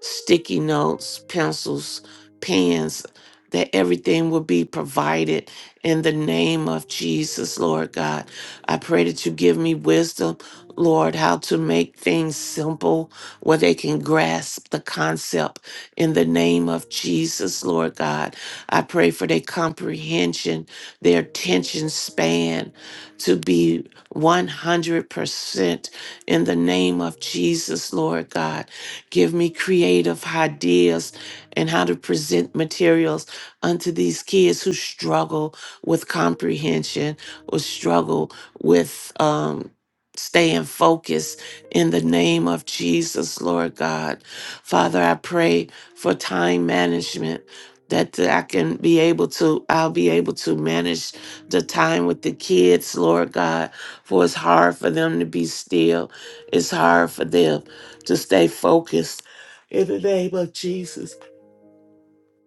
sticky notes, pencils, pens, that everything will be provided in the name of Jesus, Lord God. I pray that you give me wisdom, Lord, how to make things simple where they can grasp the concept in the name of Jesus, Lord God. I pray for their comprehension, their attention span to be 100% in the name of Jesus, Lord God. Give me creative ideas and how to present materials unto these kids who struggle with comprehension or struggle with um, staying focused in the name of Jesus, Lord God. Father, I pray for time management that I can be able to, I'll be able to manage the time with the kids, Lord God, for it's hard for them to be still. It's hard for them to stay focused in the name of Jesus.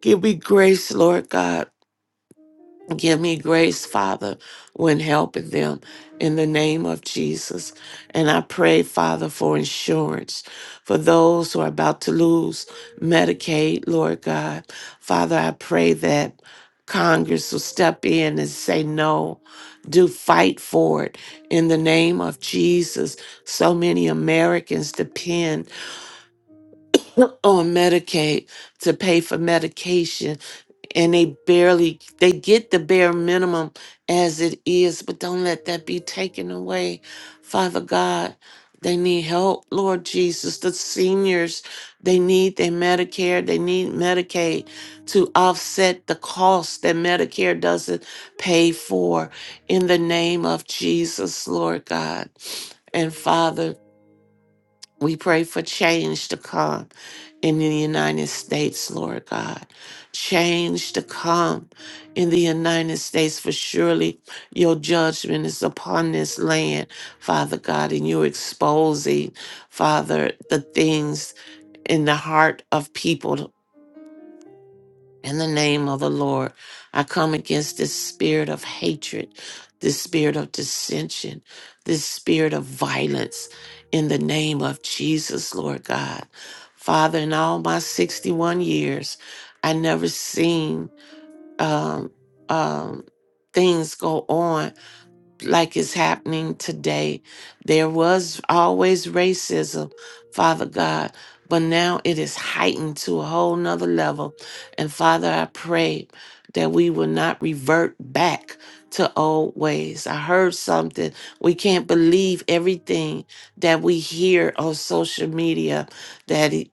Give me grace, Lord God Give me grace, Father, when helping them in the name of Jesus. And I pray, Father, for insurance for those who are about to lose Medicaid, Lord God. Father, I pray that Congress will step in and say no. Do fight for it in the name of Jesus. So many Americans depend on Medicaid to pay for medication and they barely they get the bare minimum as it is but don't let that be taken away father god they need help lord jesus the seniors they need their medicare they need medicaid to offset the cost that medicare doesn't pay for in the name of jesus lord god and father we pray for change to come in the United States, Lord God. Change to come in the United States, for surely your judgment is upon this land, Father God, and you're exposing, Father, the things in the heart of people, in the name of the Lord, I come against this spirit of hatred, this spirit of dissension, this spirit of violence in the name of Jesus, Lord God. Father, in all my 61 years, I never seen um, um, things go on like is happening today. There was always racism, Father God, but now it is heightened to a whole nother level. And Father, I pray that we will not revert back to old ways. I heard something. We can't believe everything that we hear on social media that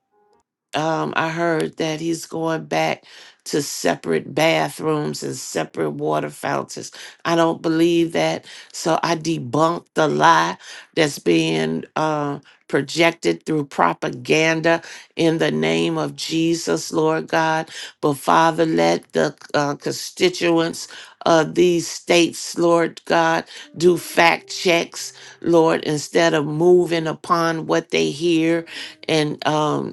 um, I heard that he's going back to separate bathrooms and separate water fountains. I don't believe that. So I debunked the lie that's being uh, projected through propaganda in the name of Jesus, Lord God. But Father, let the uh, constituents of these states, Lord God, do fact checks, Lord, instead of moving upon what they hear and um,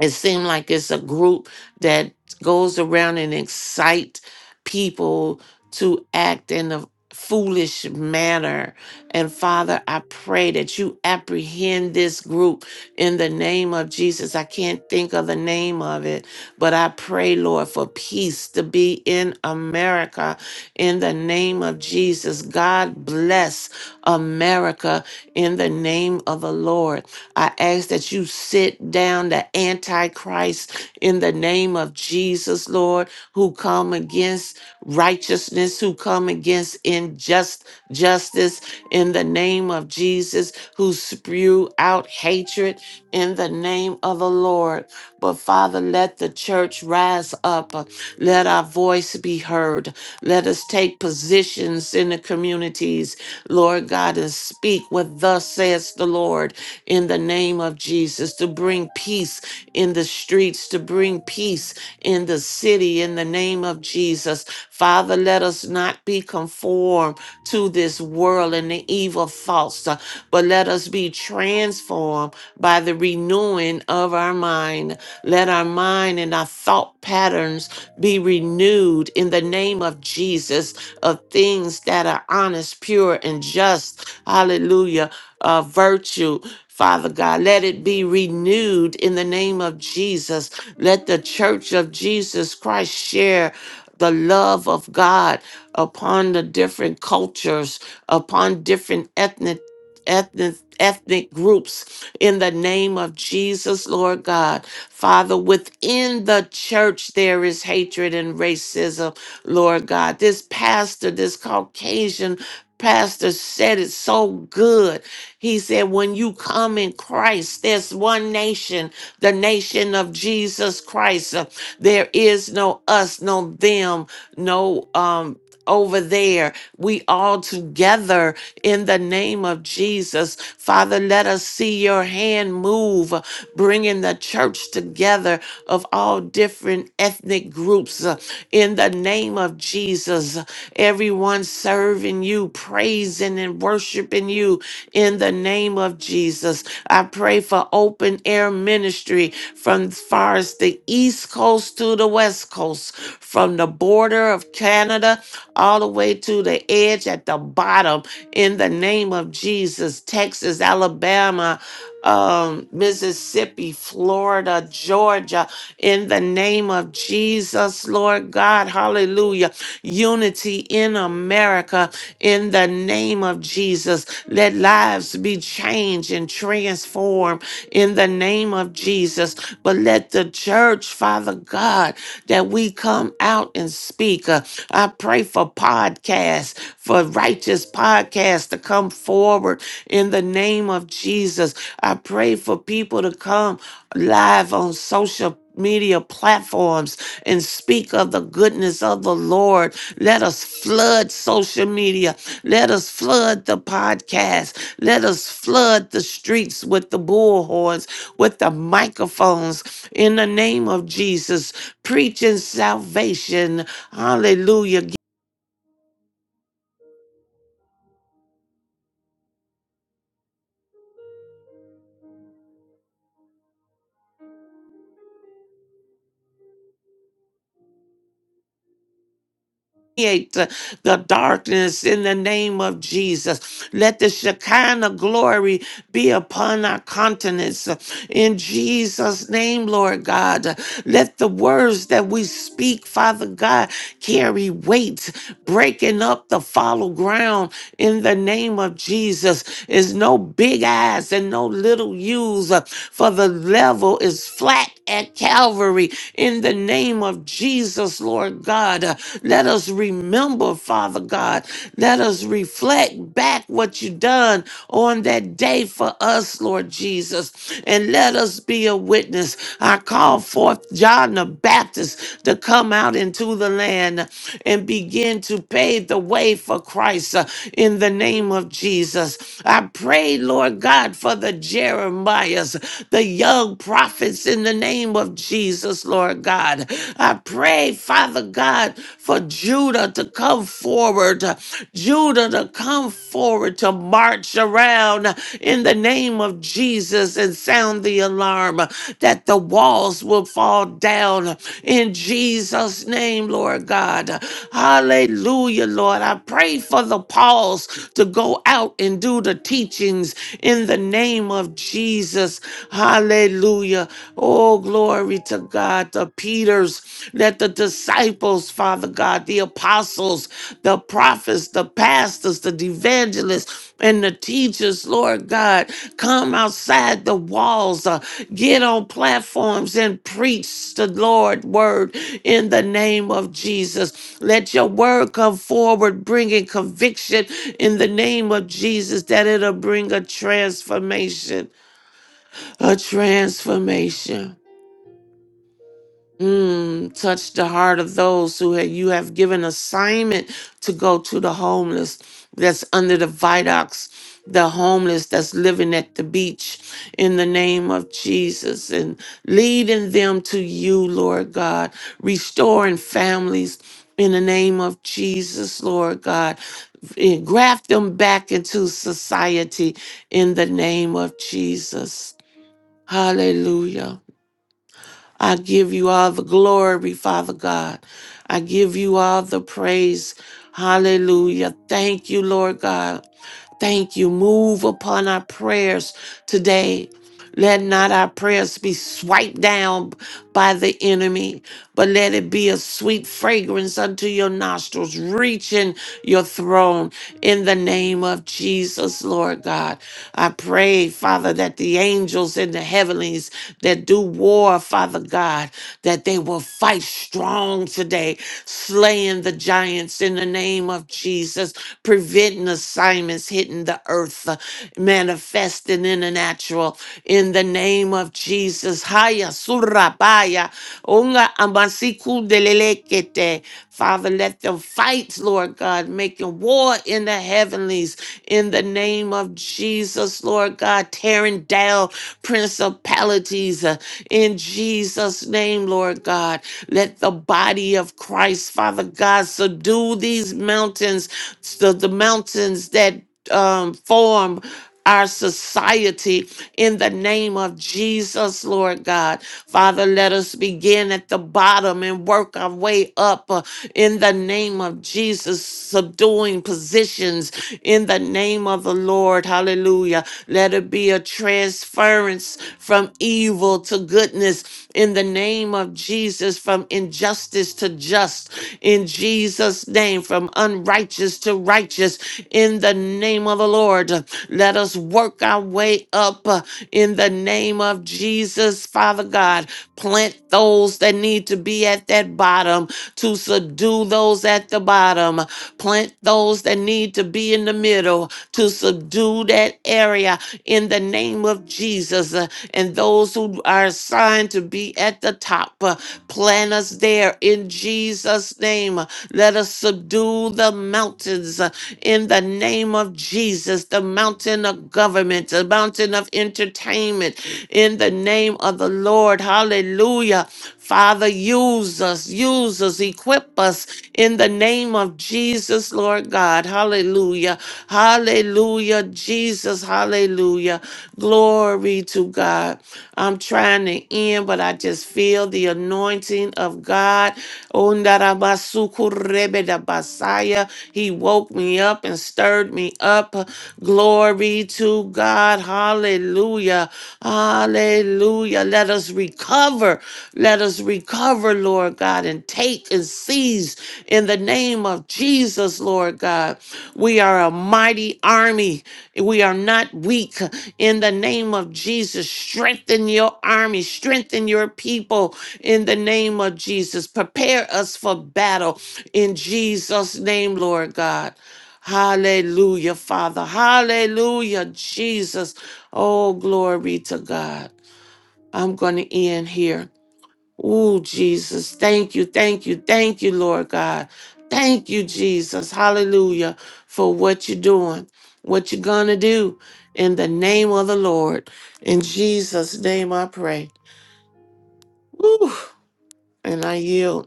it seems like it's a group that goes around and excite people to act in a foolish manner and father i pray that you apprehend this group in the name of jesus i can't think of the name of it but i pray lord for peace to be in america in the name of jesus god bless america in the name of the lord I ask that you sit down the Antichrist in the name of Jesus, Lord, who come against righteousness, who come against unjust justice in the name of Jesus, who spew out hatred in the name of the Lord. But Father, let the church rise up. Let our voice be heard. Let us take positions in the communities, Lord God, and speak what thus says the Lord in the name of Jesus, to bring peace in the streets, to bring peace in the city, in the name of Jesus. Father, let us not be conformed to this world and the evil thoughts, uh, but let us be transformed by the renewing of our mind. Let our mind and our thought patterns be renewed in the name of Jesus of things that are honest, pure, and just. Hallelujah. Uh, virtue. Father God, let it be renewed in the name of Jesus. Let the church of Jesus Christ share the love of God upon the different cultures, upon different ethnic ethnic ethnic groups in the name of Jesus Lord God Father, within the church, there is hatred and racism, Lord God. This pastor, this Caucasian pastor, said it so good. He said, When you come in Christ, there's one nation, the nation of Jesus Christ. Uh, There is no us, no them, no, um, over there, we all together in the name of Jesus. Father, let us see your hand move bringing the church together of all different ethnic groups uh, in the name of Jesus. Everyone serving you, praising and worshiping you in the name of Jesus. I pray for open air ministry from as far as the East Coast to the West Coast, from the border of Canada all the way to the edge at the bottom in the name of Jesus. Texas, Alabama, um, Mississippi, Florida, Georgia, in the name of Jesus, Lord God, hallelujah. Unity in America, in the name of Jesus. Let lives be changed and transformed in the name of Jesus. But let the church, Father God, that we come out and speak. Uh, I pray for podcasts, for righteous podcasts to come forward in the name of Jesus. I pray for people to come live on social media platforms and speak of the goodness of the Lord. Let us flood social media. Let us flood the podcast. Let us flood the streets with the bullhorns, with the microphones. In the name of Jesus, preaching salvation. Hallelujah. permeate the, the darkness in the name of Jesus. Let the Shekinah glory be upon our continents uh, in Jesus' name, Lord God. Uh, Let the words that we speak, Father God, carry weight, breaking up the fallow ground in the name of Jesus is no big eyes and no little U's, uh, for the level is flat at Calvary. In the name of Jesus, Lord God, uh, let us remember, Father God, let us reflect back what you done on that day for us, Lord Jesus, and let us be a witness. I call forth John the Baptist to come come out into the land and begin to pave the way for Christ uh, in the name of Jesus. I pray, Lord God, for the Jeremiahs, the young prophets in the name of Jesus, Lord God. I pray, Father God, for Judah to come forward, uh, Judah to come forward to march around in the name of Jesus and sound the alarm uh, that the walls will fall down in Jesus' name, Lord God. Hallelujah, Lord. I pray for the Pauls to go out and do the teachings in the name of Jesus. Hallelujah. Oh, glory to God. The Peters, let the disciples Father God, the apostles, the prophets, the pastors, the evangelists, and the teachers, Lord God. Come outside the walls, uh, get on platforms and preach the Lord word in the name of Jesus. Let your word come forward, bringing conviction in the name of Jesus, that it'll bring a transformation, a transformation. Mm, touch the heart of those who have, you have given assignment to go to the homeless that's under the viaducts, the homeless that's living at the beach in the name of Jesus and leading them to you, Lord God, restoring families. In the name of Jesus, Lord God, and graft them back into society in the name of Jesus. Hallelujah. I give you all the glory, Father God. I give you all the praise. Hallelujah. Thank you, Lord God. Thank you. Move upon our prayers today. Let not our prayers be swiped down by the enemy, but let it be a sweet fragrance unto your nostrils, reaching your throne in the name of Jesus, Lord God. I pray, Father, that the angels in the heavenlies that do war, Father God, that they will fight strong today, slaying the giants in the name of Jesus, preventing assignments hitting the earth, uh, manifesting in the natural in the name name of Jesus. Haya surabaya. Unga amasikundelelekete. Father, let them fight, Lord God, making war in the heavenlies in the name of Jesus, Lord God, tearing down principalities uh, in Jesus' name, Lord God. Let the body of Christ, Father God, subdue these mountains, the, the mountains that um form our society in the name of Jesus, Lord God. Father, let us begin at the bottom and work our way up uh, in the name of Jesus, subduing positions in the name of the Lord. Hallelujah. Let it be a transference from evil to goodness in the name of Jesus, from injustice to just in Jesus' name, from unrighteous to righteous in the name of the Lord. Let us work our way up uh, in the name of Jesus, Father God. Plant those that need to be at that bottom to subdue those at the bottom. Plant those that need to be in the middle to subdue that area in the name of Jesus. Uh, And those who are assigned to be at the top, uh, plant us there in Jesus' name. Let us subdue subdue the mountains uh, in the name of Jesus, the mountain of government, the mountain of entertainment, in the name of the Lord. Hallelujah. Father, use us, use us, equip us in the name of Jesus, Lord God. Hallelujah. Hallelujah, Jesus. Hallelujah. Glory to God. I'm trying to end, but I just feel the anointing of God. Ondarabasukurebeda basaya. He woke me up and stirred me up. Glory to God. Hallelujah. Hallelujah. Let us recover. Let us recover, Lord God, and take and seize in the name of Jesus, Lord God. We are a mighty army. We are not weak. In the name of Jesus, strengthen your army, strengthen your people in the name of Jesus. Prepare us for battle in Jesus' name, Lord God. Hallelujah, Father. Hallelujah, Jesus. Oh, glory to God. I'm going to end here. Oh, Jesus. Thank you, thank you, thank you, Lord God. Thank you, Jesus. Hallelujah, for what you're doing, what you're going to do in the name of the Lord. In Jesus' name I pray. Woo. And I yield.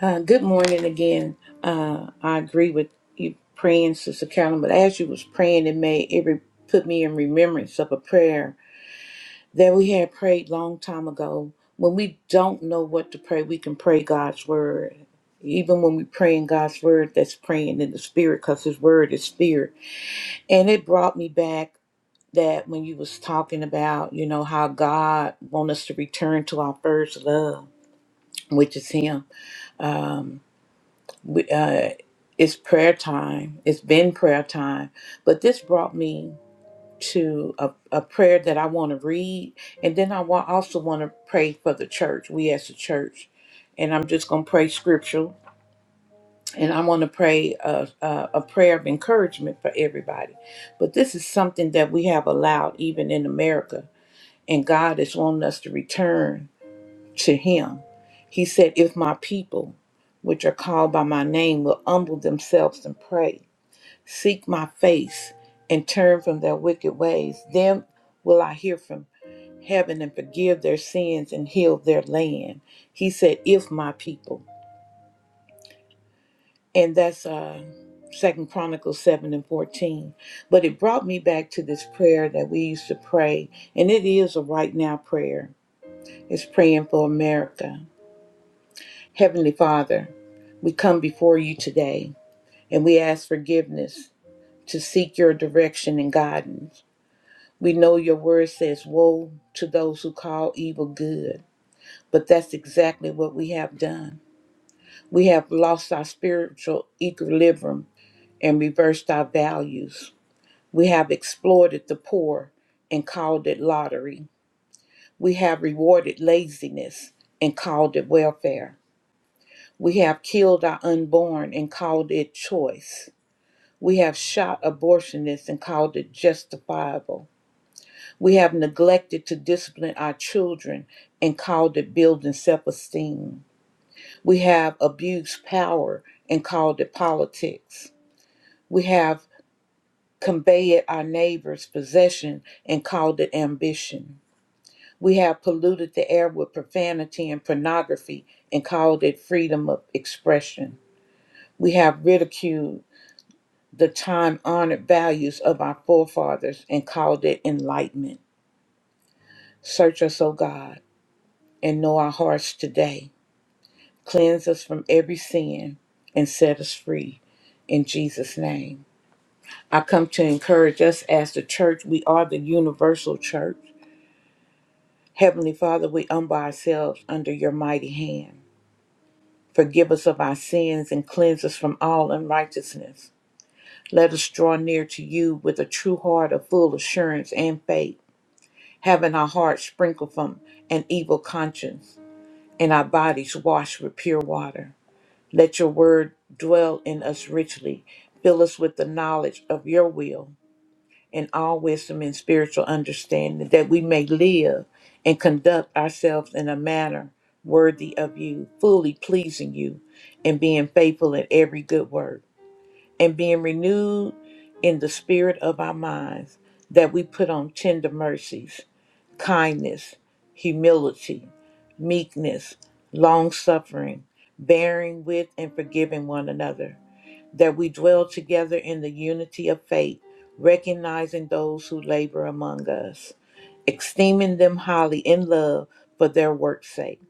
Uh, good morning again. Uh, I agree with you praying, Sister Carolyn, but as you was praying, it made every put me in remembrance of a prayer that we had prayed long time ago. When we don't know what to pray, we can pray God's word. Even when we pray in God's word, that's praying in the spirit, because His word is spirit. And it brought me back that when you was talking about, you know, how God want us to return to our first love which is him. We, uh, it's prayer time. It's been prayer time. But this brought me to a, a prayer that I want to read. And then I wa- also want to pray for the church, we as a church. And I'm just going to pray scriptural. And I want to pray a, a, a prayer of encouragement for everybody. But this is something that we have allowed even in America. And God is wanting us to return to him. He said, If my people, which are called by my name, will humble themselves and pray, seek my face, and turn from their wicked ways, then will I hear from heaven and forgive their sins and heal their land. He said, If my people. And that's uh Second Chronicles seven and fourteen. But it brought me back to this prayer that we used to pray, and it is a right now prayer. It's praying for America. Heavenly Father, we come before you today and we ask forgiveness to seek your direction and guidance. We know your word says, Woe to those who call evil good, but that's exactly what we have done. We have lost our spiritual equilibrium and reversed our values. We have exploited the poor and called it lottery. We have rewarded laziness and called it welfare. We have killed our unborn and called it choice. We have shot abortionists and called it justifiable. We have neglected to discipline our children and called it building self esteem. We have abused power and called it politics. We have conveyed our neighbor's possession and called it ambition. We have polluted the air with profanity and pornography and called it freedom of expression. We have ridiculed the time honored values of our forefathers and called it enlightenment. Search us, O God, and know our hearts today. Cleanse us from every sin and set us free in Jesus' name. I come to encourage us as the church. We are the universal church. Heavenly Father, we humble ourselves under your mighty hand. Forgive us of our sins and cleanse us from all unrighteousness. Let us draw near to you with a true heart of full assurance and faith having our hearts sprinkled from an evil conscience and our bodies washed with pure water. Let your word dwell in us richly. Fill us with the knowledge of your will and all wisdom and spiritual understanding that we may live and conduct ourselves in a manner worthy of you, fully pleasing you, and being faithful in every good work, and being renewed in the spirit of our minds, that we put on tender mercies kindness, humility, meekness, long suffering, bearing with and forgiving one another, that we dwell together in the unity of faith, recognizing those who labor among us, esteeming them highly in love for their work's sake.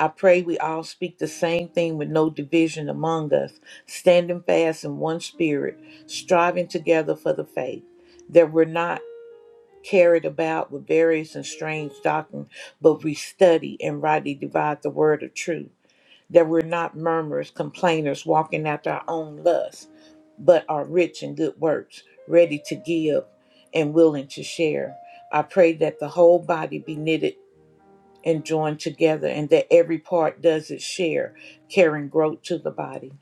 I pray we all speak the same thing with no division among us, standing fast in one spirit, striving together for the faith that we're not carried about with various and strange doctrine, but we study and rightly divide the word of truth, that we're not murmurers, complainers, walking after our own lusts, but are rich in good works, ready to give and willing to share. I pray that the whole body be knitted and joined together, and that every part does its share, carrying growth to the body.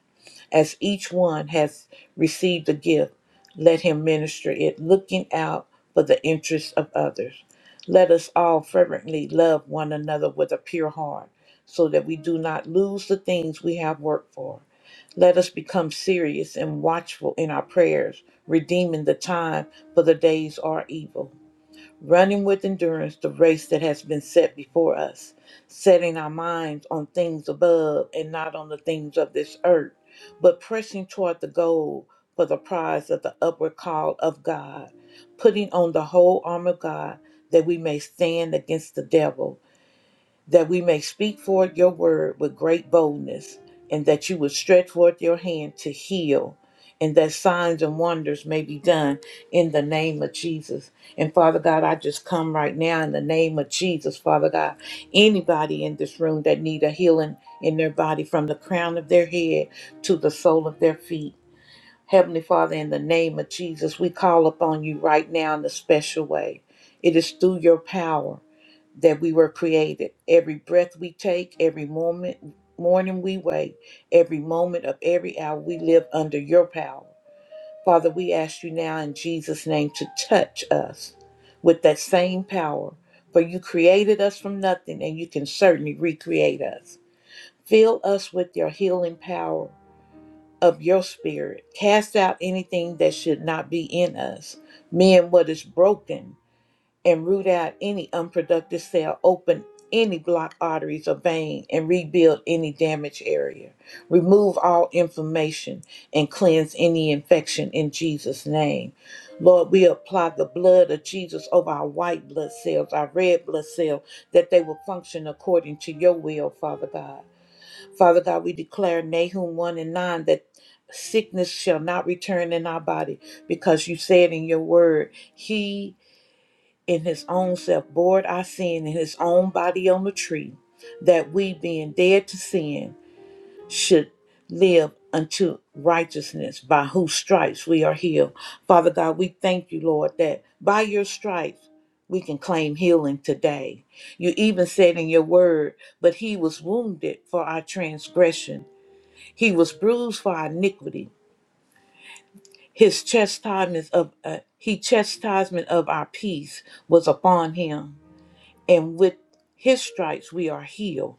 As each one has received a gift, let him minister it, looking out for the interests of others. Let us all fervently love one another with a pure heart, so that we do not lose the things we have worked for. Let us become serious and watchful in our prayers, redeeming the time, for the days are evil running with endurance the race that has been set before us, setting our minds on things above and not on the things of this earth, but pressing toward the goal for the prize of the upward call of God, putting on the whole armor of God that we may stand against the devil that we may speak forth your word with great boldness, and that you would stretch forth your hand to heal, and that signs and wonders may be done in the name of Jesus. And Father God, I just come right now in the name of Jesus, Father God. Anybody in this room that need a healing in their body from the crown of their head to the sole of their feet. Heavenly Father, in the name of Jesus, we call upon you right now in a special way. It is through your power that we were created. Every breath we take, every moment, morning we wake, every moment of every hour we live under your power. Father, we ask you now in Jesus' name to touch us with that same power, for you created us from nothing and you can certainly recreate us. Fill us with your healing power of your spirit. Cast out anything that should not be in us. Mend what is broken and root out any unproductive cell, open any blocked arteries or vein, and rebuild any damaged area. Remove all inflammation and cleanse any infection in Jesus' name. Lord, we apply the blood of Jesus over our white blood cells, our red blood cells, that they will function according to your will, Father God. Father God, we declare Nahum 1 and 9 that sickness shall not return in our body because you said in your word, He in his own self bore our sin in his own body on the tree, that we, being dead to sin, should live unto righteousness, by whose stripes we are healed. Father God, we thank you, Lord, that by your stripes we can claim healing today. You even said in your word, but he was wounded for our transgression, he was bruised for our iniquity. His chastisement of uh, he chastisement of our peace was upon him and with his stripes we are healed.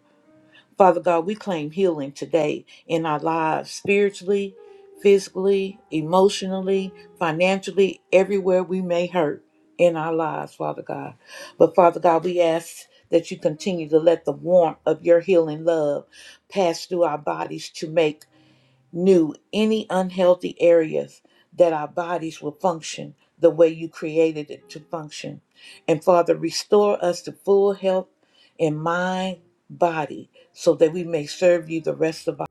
Father God, we claim healing today in our lives spiritually, physically, emotionally, financially, everywhere we may hurt in our lives, Father God. But Father God, we ask that you continue to let the warmth of your healing love pass through our bodies to make knew any unhealthy areas that our bodies will function the way you created it to function. And Father, restore us to full health in mind, body, so that we may serve you the rest of our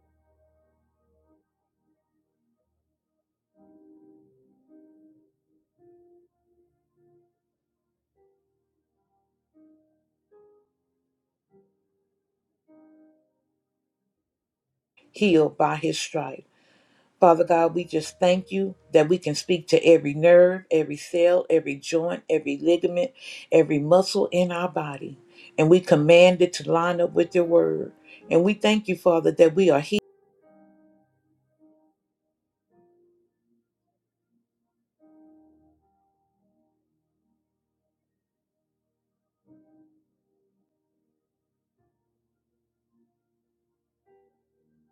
healed by his stripe. Father God, we just thank you that we can speak to every nerve, every cell, every joint, every ligament, every muscle in our body. And we command it to line up with your word. And we thank you, Father, that we are healed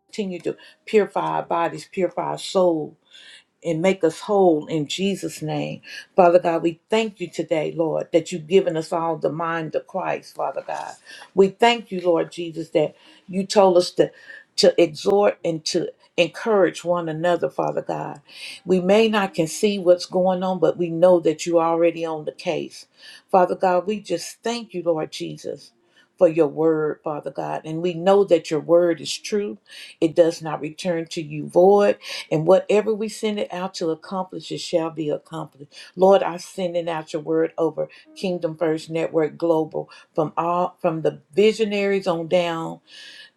continue to purify our bodies, purify our soul, and make us whole in Jesus' name. Father God, we thank you today, Lord, that you've given us all the mind of Christ, Father God. We thank you, Lord Jesus, that you told us to, to exhort and to encourage one another, Father God. We may not can see what's going on, but we know that you're already on the case. Father God, we just thank you, Lord Jesus. For your word, Father God. And we know that your word is true. It does not return to you void and whatever we send it out to accomplish, it shall be accomplished. Lord, I send it out your word over Kingdom First Network Global from all from the visionaries on down,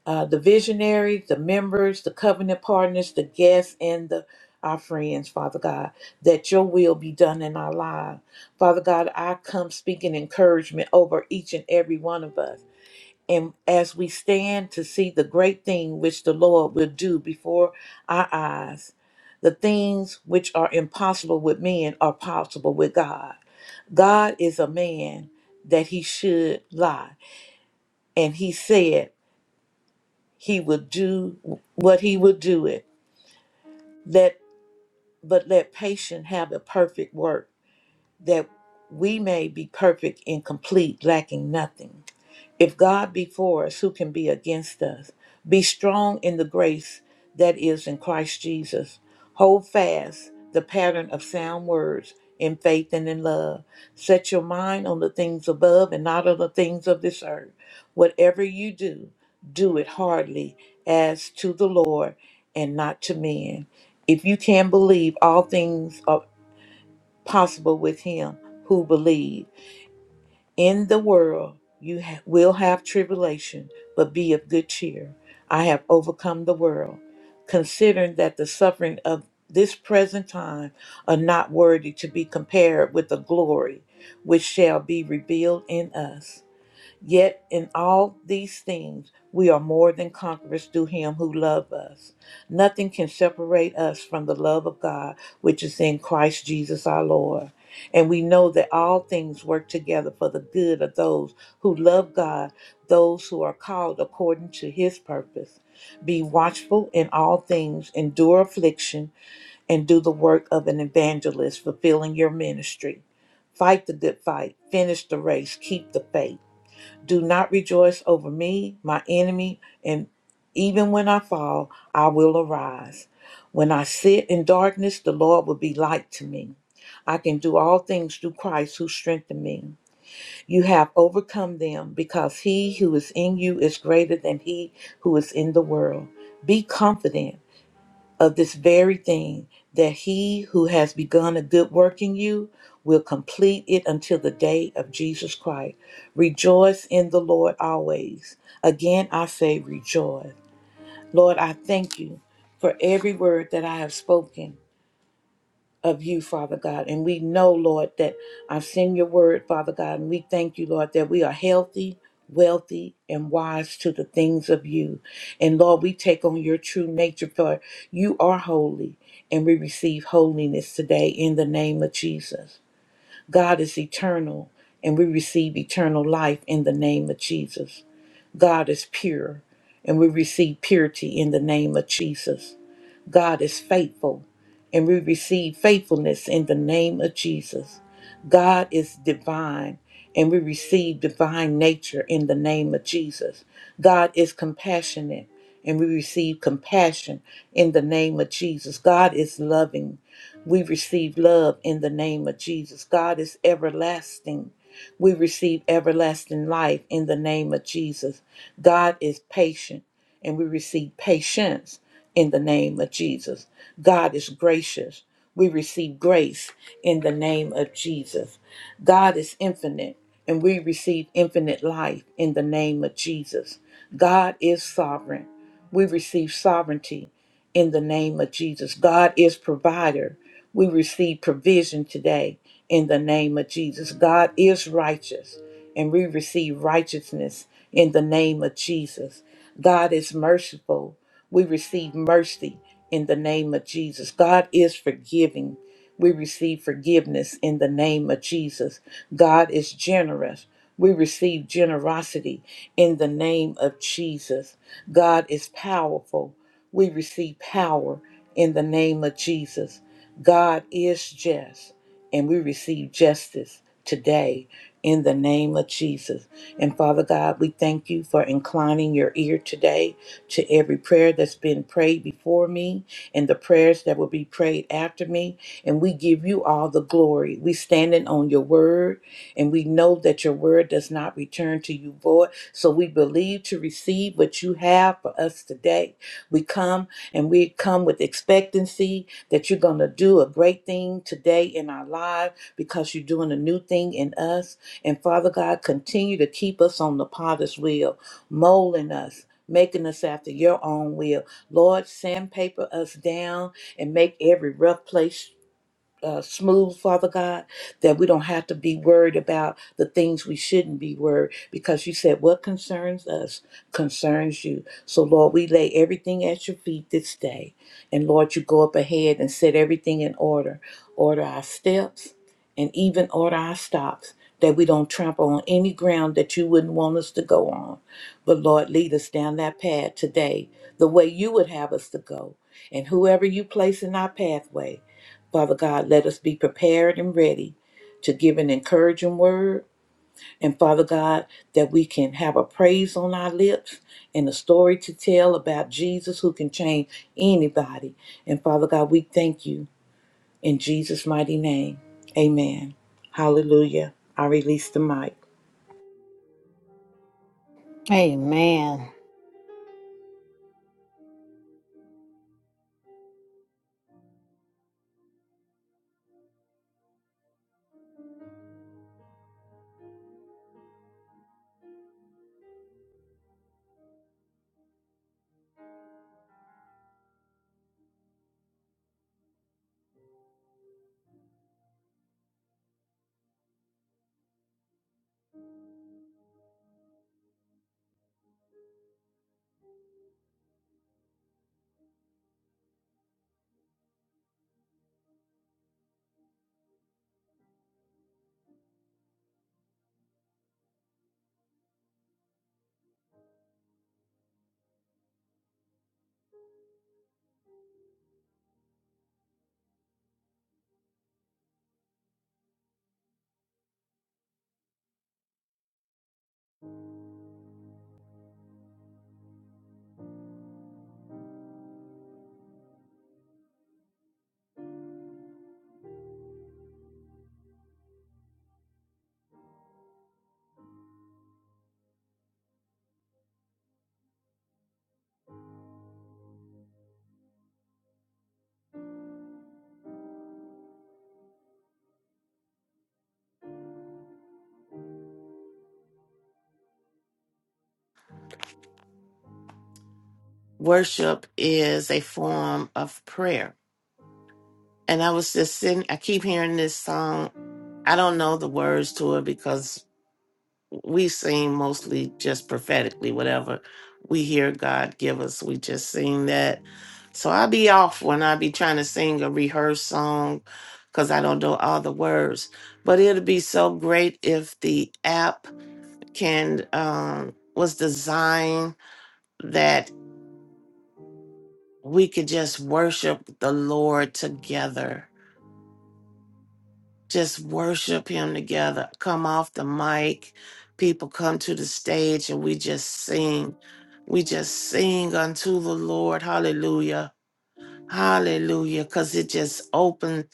uh, the visionaries, the members, the covenant partners, the guests, and the our friends, Father God, that your will be done in our lives. Father God, I come speaking encouragement over each and every one of us. And as we stand to see the great thing which the Lord will do before our eyes, the things which are impossible with men are possible with God. God is a man that he should lie, and he said he would do what he would do it. Let but let patience have a perfect work, that we may be perfect and complete, lacking nothing. If God be for us, who can be against us? Be strong in the grace that is in Christ Jesus. Hold fast the pattern of sound words in faith and in love. Set your mind on the things above and not on the things of this earth. Whatever you do, do it heartily as to the Lord and not to men. If you can believe, all things are possible with him who believes in the world you ha- will have tribulation, but be of good cheer. I have overcome the world. Considering that the suffering of this present time are not worthy to be compared with the glory which shall be revealed in us. Yet in all these things we are more than conquerors through him who loved us. Nothing can separate us from the love of God which is in Christ Jesus our Lord. And we know that all things work together for the good of those who love God, those who are called according to his purpose. Be watchful in all things, endure affliction, and do the work of an evangelist, fulfilling your ministry. Fight the good fight, finish the race, keep the faith. Do not rejoice over me, my enemy, and even when I fall, I will arise. When I sit in darkness, the Lord will be light to me. I can do all things through Christ who strengthened me. You have overcome them because he who is in you is greater than he who is in the world. Be confident of this very thing that he who has begun a good work in you will complete it until the day of Jesus Christ. Rejoice in the Lord always. Again, I say rejoice. Lord, I thank you for every word that I have spoken of you, Father God. And we know, Lord, that I've seen your word, Father God, and we thank you, Lord, that we are healthy, wealthy, and wise to the things of you. And Lord, we take on your true nature, for you are holy, and we receive holiness today in the name of Jesus. God is eternal, and we receive eternal life in the name of Jesus. God is pure, and we receive purity in the name of Jesus. God is faithful, and we receive faithfulness in the name of Jesus. God is divine, and we receive divine nature in the name of Jesus. God is compassionate, and we receive compassion in the name of Jesus. God is loving. We receive love in the name of Jesus. God is everlasting. We receive everlasting life in the name of Jesus. God is patient, and we receive patience in the name of Jesus. God is gracious. We receive grace in the name of Jesus. God is infinite, and we receive infinite life in the name of Jesus. God is sovereign. We receive sovereignty in the name of Jesus. God is provider. We receive provision today in the name of Jesus. God is righteous, and we receive righteousness in the name of Jesus. God is merciful. We receive mercy in the name of Jesus. God is forgiving. We receive forgiveness in the name of Jesus. God is generous. We receive generosity in the name of Jesus. God is powerful. We receive power in the name of Jesus. God is just, and we receive justice today in the name of Jesus. And Father God, we thank you for inclining your ear today to every prayer that's been prayed before me and the prayers that will be prayed after me. And we give you all the glory. We standing on your word and we know that your word does not return to you void. So we believe to receive what you have for us today. We come and we come with expectancy that you're going to do a great thing today in our lives because you're doing a new thing in us. And Father God, continue to keep us on the potter's wheel, molding us making us after your own will. Lord, sandpaper us down and make every rough place uh, smooth, Father God, that we don't have to be worried about the things we shouldn't be worried because you said what concerns us concerns you. So, Lord, we lay everything at your feet this day. And, Lord, you go up ahead and set everything in order. Order our steps and even order our stops that we don't trample on any ground that you wouldn't want us to go on. But, Lord, lead us down that path today the way you would have us to go. And whoever you place in our pathway, Father God, let us be prepared and ready to give an encouraging word. And Father God, that we can have a praise on our lips and a story to tell about Jesus who can change anybody. And Father God, we thank you in Jesus' mighty name. Amen. Hallelujah. I release the mic.
Amen.
worship is a form of prayer. And I was just sitting, I keep hearing this song. I don't know the words to it because we sing mostly just prophetically, whatever we hear God give us, we just sing that. So I be off when I be trying to sing a rehearsed song because I don't know all the words. But it'd be so great if the app can, um, was designed that. we could just worship the Lord together. Just worship Him together. Come off the mic. People come to the stage and we just sing. We just sing unto the Lord. Hallelujah. Hallelujah. Because it just open,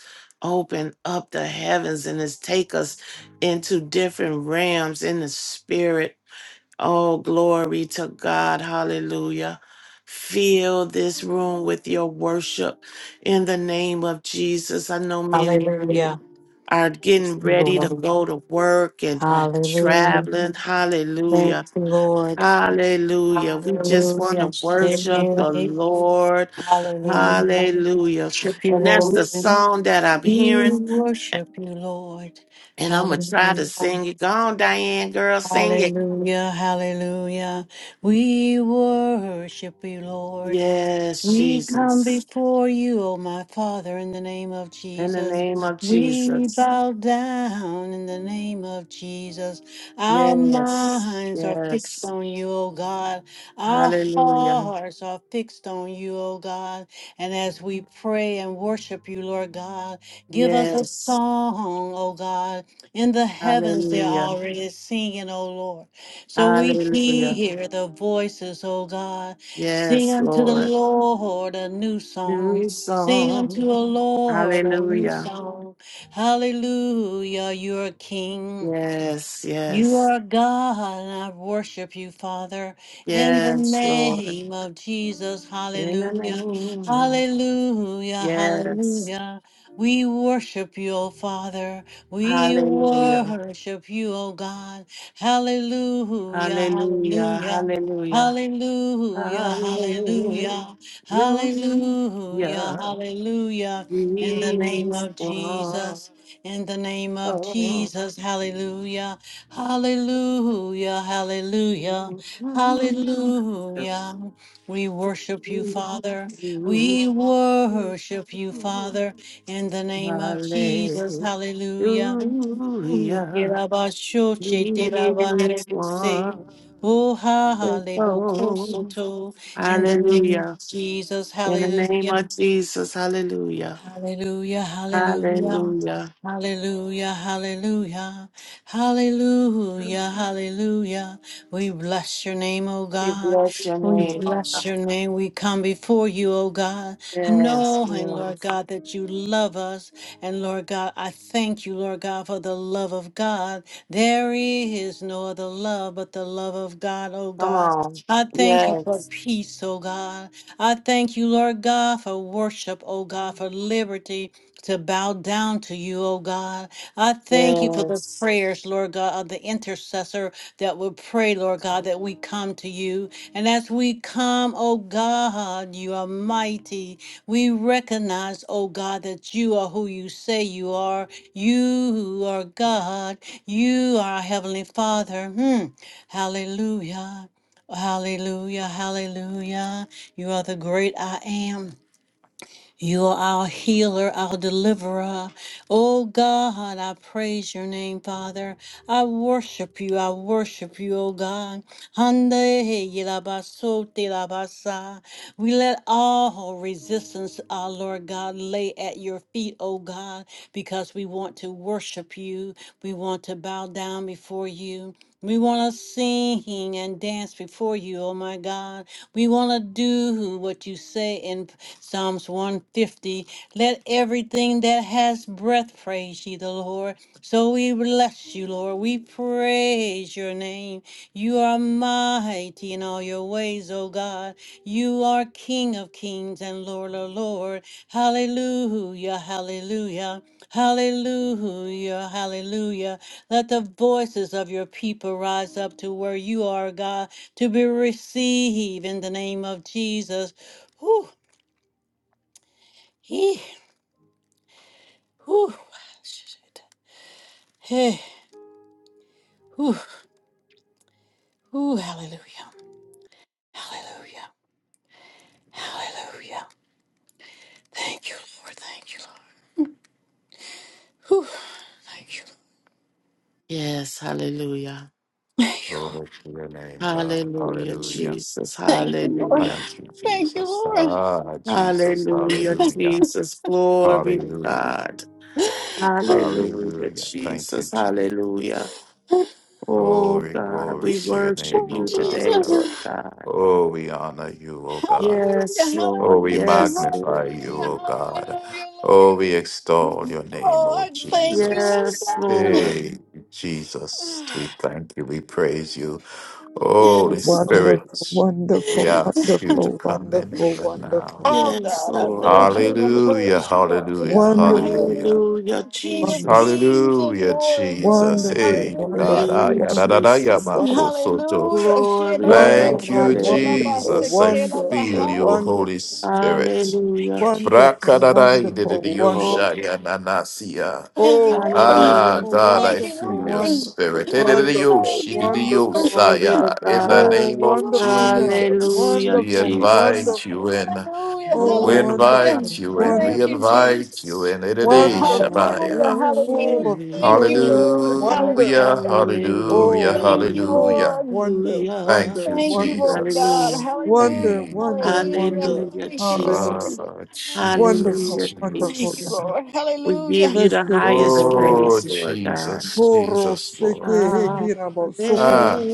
open up the heavens and it's take us into different realms in the spirit Oh, glory to God. Hallelujah. Fill this room with your worship in the name of Jesus. I know many of you
Hallelujah.
are
Yes,
getting ready to
Lord.
go to work and
Hallelujah.
traveling.
Thank
Hallelujah.
you, Lord.
Hallelujah. We just want
Hallelujah.
to worship the Lord.
Hallelujah.
Hallelujah.
Worship you,
And that's the
Lord.
song that I'm
We
hearing.
worship you, Lord.
And I'm going to try to
Hallelujah.
sing it. Go on, Diane, girl, sing it.
Hallelujah. Hallelujah. We worship you, Lord.
Yes,
We come
Jesus.
before you, O my Father, in the name of
In the
Jesus.
name of
We
Jesus.
bow down in the name of Jesus. Our
Yes.
minds are fixed
Yes.
on you, O God. Our
Hallelujah.
hearts are fixed on you, O God. And as we pray and worship you, Lord God, give us a
Yes.
song, O God. In the heavens, they're
Hallelujah.
already singing, O Lord. So we
Hallelujah.
hear the voices, O God. Sing
Yes,
unto the
Lord.
Lord a new song.
New
Sing unto
song.
the Lord a new
Hallelujah.
song. Hallelujah, you're a king.
Yes.
You
Yes.
are God, and I worship you, Father, in the
Yes, Lord.
name of Jesus.
In the
Hallelujah.
name of
Hallelujah.
Yes.
Hallelujah. We worship you, O Father. We
Hallelujah.
worship you, O God. Hallelujah.
Hallelujah.
Hallelujah.
Hallelujah.
Hallelujah. Hallelujah.
Hallelujah.
Hallelujah. Hallelujah. In the
He
name
is
of Jesus.
one.
In the name of
Oh,
Jesus. Hallelujah. Hallelujah, hallelujah,
Hallelujah.
hallelujah. We
He
worship you, Father. We worship
is
you,
wonderful.
Father, in the name of Jesus. Hallelujah. Oh, hallelujah. In the name of
Hallelujah.
Jesus.
In the name
Hallelujah.
of Jesus. Hallelujah.
Hallelujah, hallelujah,
Hallelujah.
hallelujah, hallelujah, hallelujah, hallelujah. We bless your name, O
We
God.
bless your
We
name.
bless your name. We come before you, O God,
Yes,
knowing,
Lord.
Lord God, that you love us. And Lord God, I thank you, Lord God, for the love of God. There is no other love but the love of God, O
Come
God.
on.
I thank you for
Yes.
peace, O God. I thank you, Lord God, for worship, O God, for liberty to bow down to you, O God. I thank you for the
Yes.
prayers, Lord God, of the intercessor that will pray, Lord God, that we come to you. And as we come, O God, you are mighty. We recognize, O God, that you are who you say you are. You are God. You are our Heavenly Father. Hmm. Hallelujah. Hallelujah, hallelujah. You are the great I am. You are our healer, our deliverer. Oh God, I praise your name, Father. I worship you. I worship you, oh God. Hande yelabasote labasa. We let all resistance, our Lord God, lay at your feet, oh God, because we want to worship you. We want to bow down before you. We want to sing and dance before you, oh my God. We want to do what you say in Psalms 150. Let everything that has breath praise ye the Lord. So we bless you, Lord. We praise your name. You are mighty in all your ways, O God. You are King of kings and Lord of lords. Hallelujah, hallelujah, hallelujah, hallelujah. Let the voices of your people rise up to where you are, God, to be received in the name of Jesus. Whew, he, whew, shit. hey, whew, whew, hallelujah, hallelujah, hallelujah. Thank you, Lord, thank you, Lord. Whew, thank you, Lord.
Yes. Hallelujah.
thank you, Lord.
Glory to your name, God.
Hallelujah,
Hallelujah.
Jesus.
Lord.
Hallelujah.
Thank you,
Thank you,
Jesus.
Lord.
Ah, Jesus.
Hallelujah,
Hallelujah.
Jesus. Glory to
Hallelujah.
God. Hallelujah,
Hallelujah. Thank you,
Jesus.
Jesus.
Hallelujah. Oh,
Glory,
God,
glory
we
to your
worship
name,
Oh,
O
you today,
God.
Lord
Jesus.
God.
Oh, we honor you, O God.
Hallelujah.
Yes,
Hallelujah.
Oh,
Lord.
we
Yes,
Hallelujah.
magnify
Lord.
you, O God.
Hallelujah,
Oh, we extol
Lord.
your name,
Oh,
O
I thank you,
Jesus.
Lord
Yes,
God.
Lord.
Hey, Jesus, we thank you. We praise you. Holy
Yes, Lord.
Wonderful,
Spirit, we
wonderful,
ask you to
wonderful,
come in
wonderful,
even now.
Oh,
wonderful,
Yes,
God, I
wonderful,
Lord.
thank you. I
Hallelujah.
Hallelujah,
praise you, Lord God.
hallelujah,
wonderful,
Hallelujah.
hallelujah.
Hallelujah,
You're King of
wonderful,
Jesus.
kings and
Hallelujah,
Lord of
Jesus.
lords.
wonderful,
Hey, God,
wonderful,
ah,
Hallelujah,
Hallelujah.
yeah, da, da, da, yeah,
wonderful, wonderful,
Jesus.
Marco
won-
Soto.
Hallelujah.
Glory
Shela
to
bo,
God.
Thank
wonderful,
you,
sotela
Hallelujah.
ba,
wonderful,
Jesus. I
sekela ba
feel
wonderful,
ha.
you,
wonder-
Holy Spirit.
Thank you,
Hallelujah.
Jesus.
wonderful,
Brakadadai,
wonderful,
dididio,
wonder.
shaya,
Oh,
nanasia.
Thank you,
Oh,
Lord.
Ah,
hallelujah.
wonderful,
God, I
Thank you,
wonderful,
feel
Lord.
your
wonderful,
spirit. Eh,
Mm,
wonderful,
Thank you, Lord.
wonderful.
Glory to
In the
God.
Oh,
Thank
name
you,
of
Lord.
wonderful God.
Jesus,
Hallelujah,
we
Wonderful,
Jesus.
invite you
wonderful.
in.
Hallelujah,
Oh,
We
Lord God
hallelujah.
invite
wonderful,
you
of
in. We
Thank
wonderful.
heaven,
you,
invite you
Jesus.
in. Eh,
Wonderful,
Hallelujah,
Shabaya.
full
hallelujah.
of
Thank
hallelujah.
you,
glory,
Lord.
wonder.
Hallelujah,
Hallelujah.
hallelujah,
Oh,
Thank you,
Hallelujah.
full
hallelujah.
of
Lord.
wonder,
Thank
wonder,
you,
Thank you,
Hallelujah.
wonder,
Lord God.
Hallelujah.
Jesus.
Hallelujah,
wonder,
We,
wonder,
hallelujah.
wonder.
Hallelujah,
Thank you,
ah,
Lord.
Jesus.
Hallelujah.
Jesus,
Hallelujah,
Wonderful,
Thank
wonderful
Jesus.
you,
Jesus.
God.
Lord.
We give
Hallelujah.
you
Bless
the
your name,
highest
O God.
Oh,
praise, Lord God.
Jesus,
Horo
Jesus, Lord.
seke
Hallelujah,
heki rabo soku.
Ah,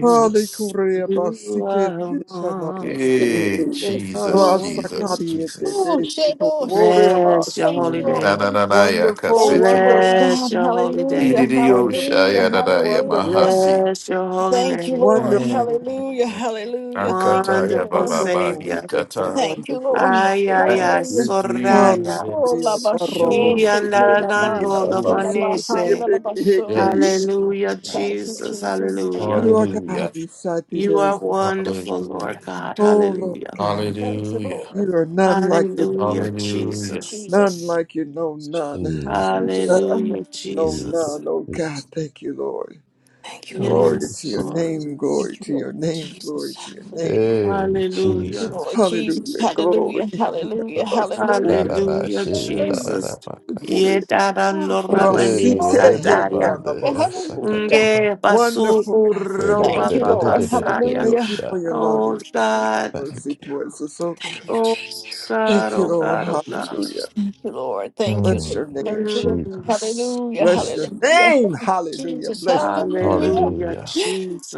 Hale kure ba sike de shana ba se.
Eh, Jesus,
Rasa
Jesus,
wonderful.
kariye te
Jesus.
Oh, Jesus.
Wore
Bless
amas.
your
Thank
holy
you, Lord.
Na
day.
na na na ya
Wonderful,
Thank you,
kasete.
Lord
wonderful,
Bless
God.
your holy
Hallelujah.
day.
Idiyo
wonderful
Hallelujah.
shaya na
God.
na ya
Wonderful
Hallelujah.
God.
mahasi.
Bless your holy
Thank you,
name.
Lord.
Mm.
Wonderful,
Hallelujah. Hallelujah. Thank
Akata
you,
ya
Wonderful
baba
Lord.
Wonderful,
Savior.
wonderful,
bahitata.
Thank you,
wonderful.
Lord.
Ay, ay,
Thank
ay,
you,
Hallelujah.
soraya.
Oh, la
Hallelujah.
Jesus.
basho,
Y
Ooh,
Darabosinde,
shete
ooh,
la ba,
ooh,
andarando the
shete la
ooh.
ba,
panese.
handa la
yarabasuribe,
baso.
heke.
Yes.
Hallelujah,
Thank you,
Jesus.
Jesus. Thank
Hallelujah.
You
you.
are
Hallelujah.
God beside thee.
You
There
are
is none.
wonderful, Lord
Hallelujah.
God.
Oh Lord
Hallelujah.
God,
Thank you,
Hallelujah.
Lord.
you are none like you,
Hallelujah,
Hallelujah.
Jesus.
none
Jesus.
like you, no none.
Thank you,
Jesus.
None,
Hallelujah,
Lord.
no
Jesus.
Jesus.
none. Oh God,
Jesus.
thank you, Lord.
Thank you, Lord.
Oh,
Glory
Yes,
to your
Lord.
name,
Jesus.
glory
Thank you,
to
Lord.
your name, glory
Jesus.
to your
Hallelujah.
name.
Hey,
Thank you,
Hallelujah.
Jesus.
Lord Jesus.
Hallelujah, glory.
Hallelujah. Hallelujah. Hallelujah.
Na
Yarabasuri,
na na,
Thank you,
Hallelujah,
she da da
Lord.
na
Jesus.
na.
suri.
Yetara no
Ah,
Hey,
rabani
na
Rasite
na na
sataya.
Monday,
Hallelujah.
heka
Hallelujah.
Asakataba.
Nge basu
Wonderful God,
Re- de-
you are
de-
roba
Thank
de-
you,
God.
de- de-
Lord.
de- de- de- de-
babasaya.
Thank you
Hallelujah.
for
Yosha.
your
Oh
loving, kindness,
God.
Thank
mercy
you,
towards us, oh
thank
Thank
you,
God.
you,
thank
Oh
you,
Jesus.
God.
Thank
Jesus.
you,
Oh
Lord.
God. Oh God.
Hallelujah.
Thank you, Lord. Thank you.
Bless
Lord.
Mm,
your name.
Thank you, Lord.
Mm.
Jesus,
Hallelujah.
Bless your
Jesus.
Hallelujah.
name. Hallelujah.
Jesus.
Bless your name.
Hallelujah.
Hallelujah,
Hallelujah,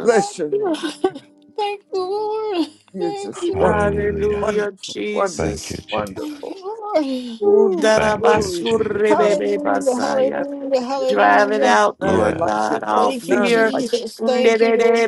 Bless your
you.
name.
Thank you, Lord.
You're
Thank
just
you, Lord.
wonderful,
Hallelujah.
Hallelujah,
wonderful,
Thank you,
Jesus.
wonderful,
Jesus.
Thank
wonderful.
you, Lord.
Ooh,
Udara
Thank you,
glory
basu
to your name.
Jesus.
rebebe
Hallelujah.
basaya.
None
Hallelujah.
like you.
Drive it
Hallelujah.
out,
None
Lord
Yes.
like
God,
you,
all
Lord.
Thank you,
None
fear.
like you.
Jesus. Thank you, Lord.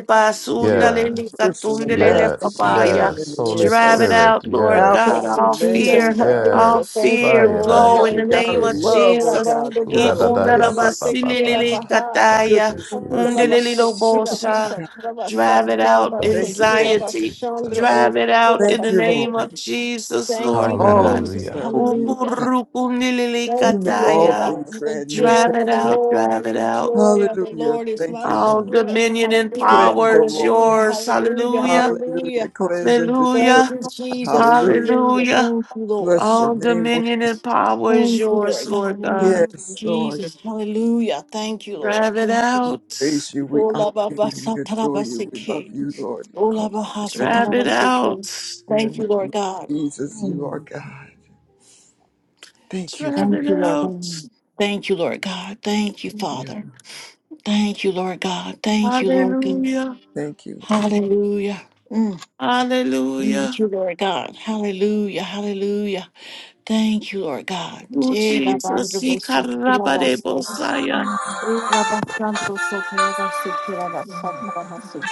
You are
Yes,
the first and the last, the
yes,
beginning
yes.
and the
Holy
end,
Drive
or
it
Spirit,
out, Lord
Alpha
God,
Thank
yes,
and
you,
all
Omega,
Jesus.
oh
fear.
God.
All
Hallelujah.
yes.
Thank you,
fear
Lord.
Sayada
You
go
are
in
the
the
God
name
Hallelujah.
of
of
shikete.
love, oh
Shela
Jesus.
God,
bando
the
bo
God of
sotola
Udadadaya
mercy,
ba ba ba
basekela
ba.
bahai.
Thank
Ikundaramasilelekataya.
you,
goodness and
Andala
mercy,
Jesus.
basekela
oh
Undelelelobosha.
God.
bashatla
Drive it
basatla
out,
Thank
Thank you,
you,
basekela
Lord.
anxiety.
bashandra
Jesus.
o
Drive it out
kukola
Thank
in the
you,
basel.
name
Lord.
of Jesus,
Thank you,
Lord
All
God.
is
Jesus.
Hallelujah.
well in you, oh
Hallelujah.
God. You
Thank you,
make
Lord
all
Ukurukunilelekataya.
things
God. The
brand new.
Drive
Thank-
joy of
it
the
out, drive
Lord,
it
the
out.
joy of the
Hallelujah.
Lord is
Thank
my
you,
All
Lord.
strength.
dominion and
Hallelujah,
Cleanse, oh
power is
Lord.
hallelujah,
yours.
hallelujah,
Hallelujah.
hallelujah,
Hallelujah. Cleanse and deliver.
Thank
Hallelujah.
you, Jesus.
Hallelujah.
Hallelujah.
Hallelujah.
Thank you,
Bless
Lord.
your
All
name, oh God.
dominion and power is
Thank you,
yours,
Lord.
Lord
Hallelujah.
God.
Yes, Lord.
Jesus. Hallelujah. Thank you,
Drive
Lord.
it out.
Praise you. We honor
Ola ba ba
you.
sa
We
ta
adore you. We love
ke.
you, Lord. We
Ola
call
ba ha
your
sa
Drive
name.
it
ke.
out.
In the
Thank you,
name
Lord
of
God.
Jesus, you are
Mm.
God. Thank you,
Drive
Thank
Lord.
it
you, Lord
out.
God. Thank you, Lord God. Thank you,
Yes.
Father. Thank you, Lord God. Thank you, Lord God.
Hallelujah.
Thank you.
Hallelujah. Mm. Thank
Hallelujah.
you, Lord God. Hallelujah. Hallelujah. Thank you, Lord God.
Oh,
Eh, la
Jesus.
bandra
He
bosu, la
karabade
basu. Eh,
bosaya.
la basandra sosu, la basu, la basu, la basu.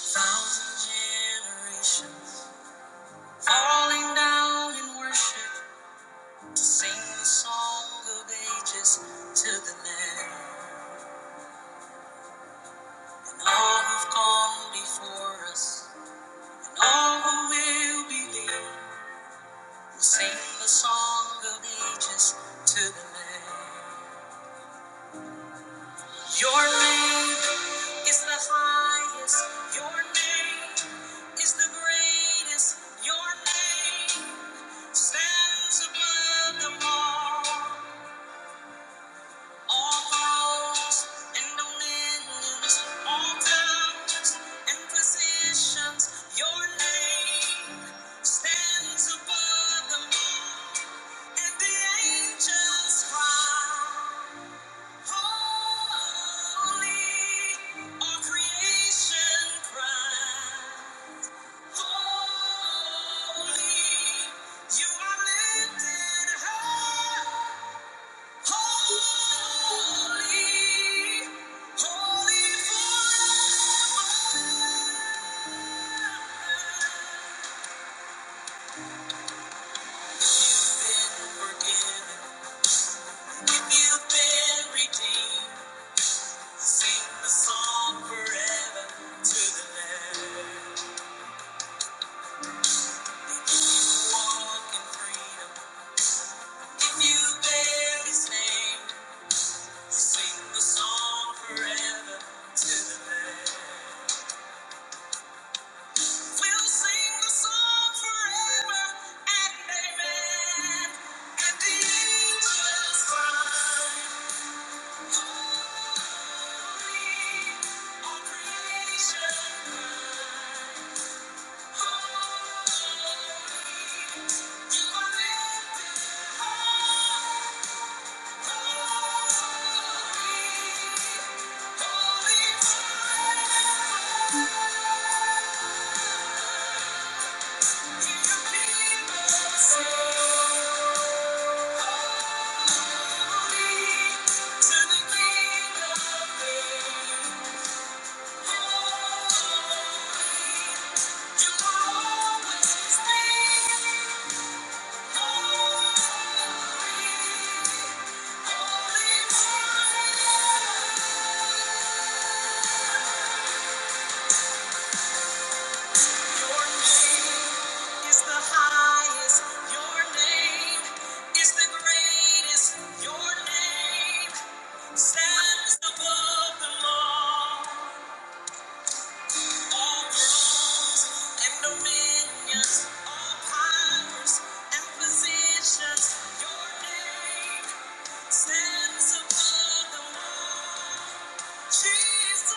Thousand generations falling down in worship to sing the song of ages to the Lamb. All who've gone before us and all who will believe will sing the song of ages to the Lamb. Your name is the highest. Your name is the greatest. Your name stands above them all. All powers and dominions, all powers and positions, your name stands above them all. And the angels cry, Holy, all creation cry, Holy, you are lifted high. Holy, holy forever. Sing the song forever to the land. We'll sing the song forever and amen. And the angels cry, holy, all creation cry, holy, you are lifted high, holy, holy forever. Thank you. Your name is the highest. Your name is the greatest. Your name stands above the law. All thrones and dominions, all powers and positions. Your name stands above the law. Stands above the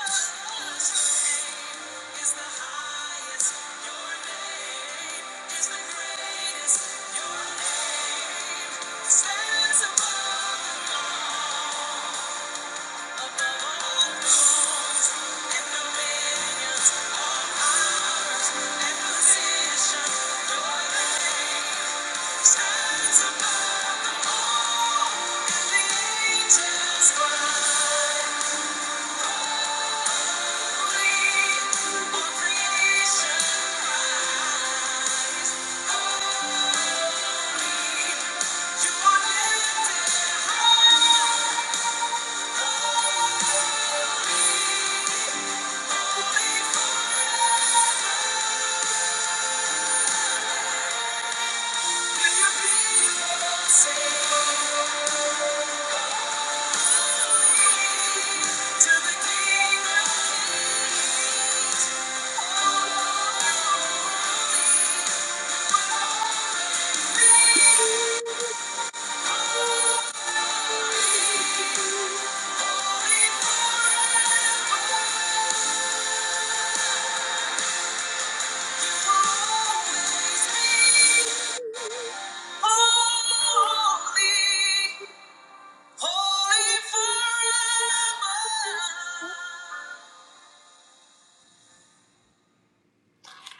law and the angels cry. Thank you.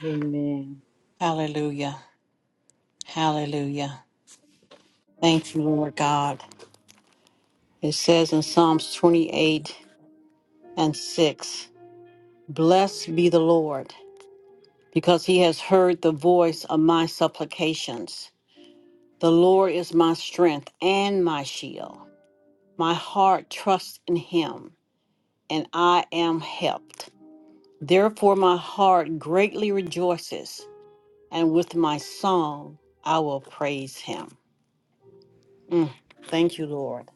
Amen.
Hallelujah. Hallelujah. Thank you, Lord God. It says in Psalms 28 and 6 Blessed be the Lord, because he has heard the voice of my supplications. The Lord is my strength and my shield. My heart trusts in him, and I am helped. Therefore, my heart greatly rejoices, and with my song I will praise him. Mm. Thank you, Lord.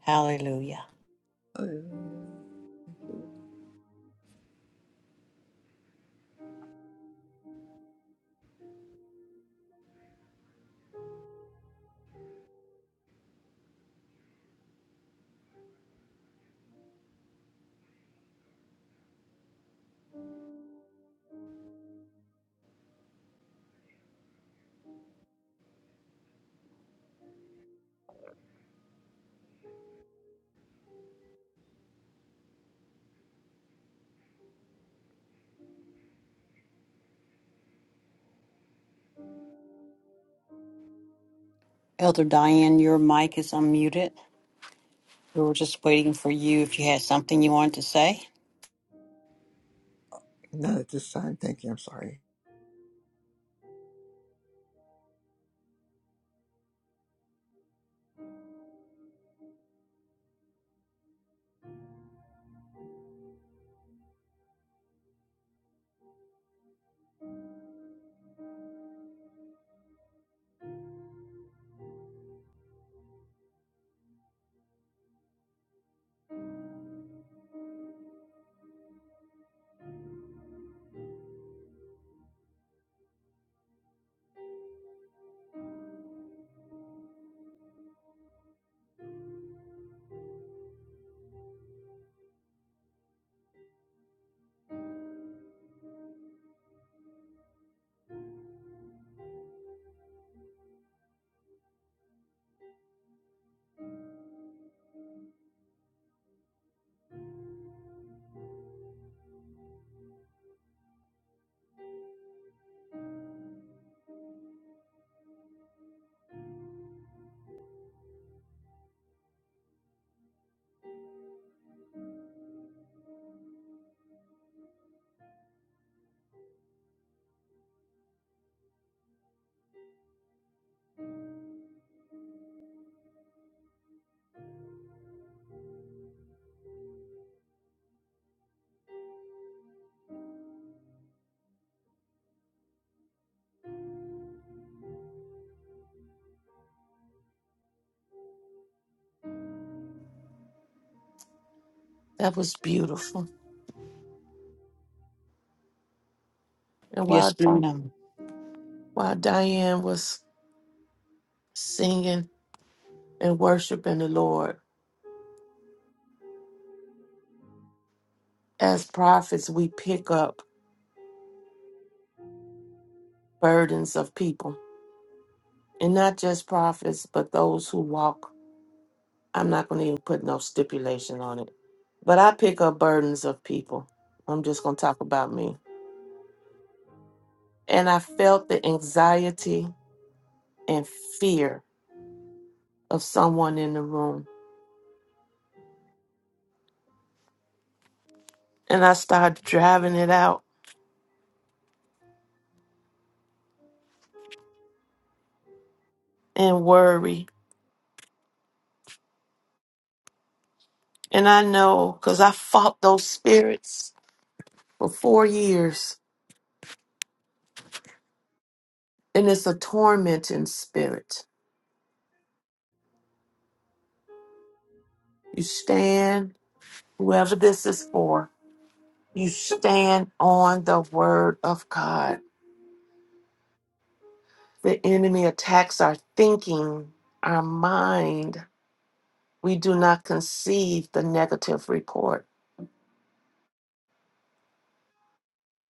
Hallelujah.
Hallelujah.
Elder Diane, your mic is unmuted. We were just waiting for you if you had something you wanted to say.
Not at this time. Thank you. I'm sorry.
That was beautiful. And
Yes,
while,
ma'am.
while Diane was singing, and worshiping the Lord. As prophets, we pick up burdens of people, and not just prophets, but those who walk. I'm not going to even put no stipulation on it, but I pick up burdens of people. I'm just going to talk about me. And I felt the anxiety and fear of someone in the room. And I started driving it out and worry. And I know because I fought those spirits for four years, and it's a tormenting spirit You stand, whoever this is for, you stand on the word of God. The enemy attacks our thinking, our mind. We do not conceive the negative report.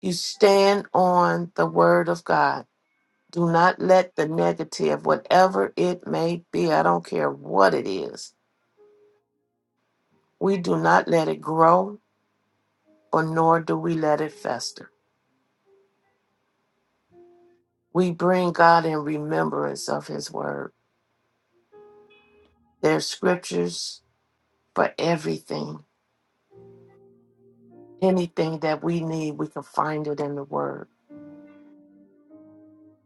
You stand on the word of God. Do not let the negative, whatever it may be, I don't care what it is, we do not let it grow or nor do we let it fester. We bring God in remembrance of his word. There's scriptures for everything. Anything that we need, we can find it in the Word.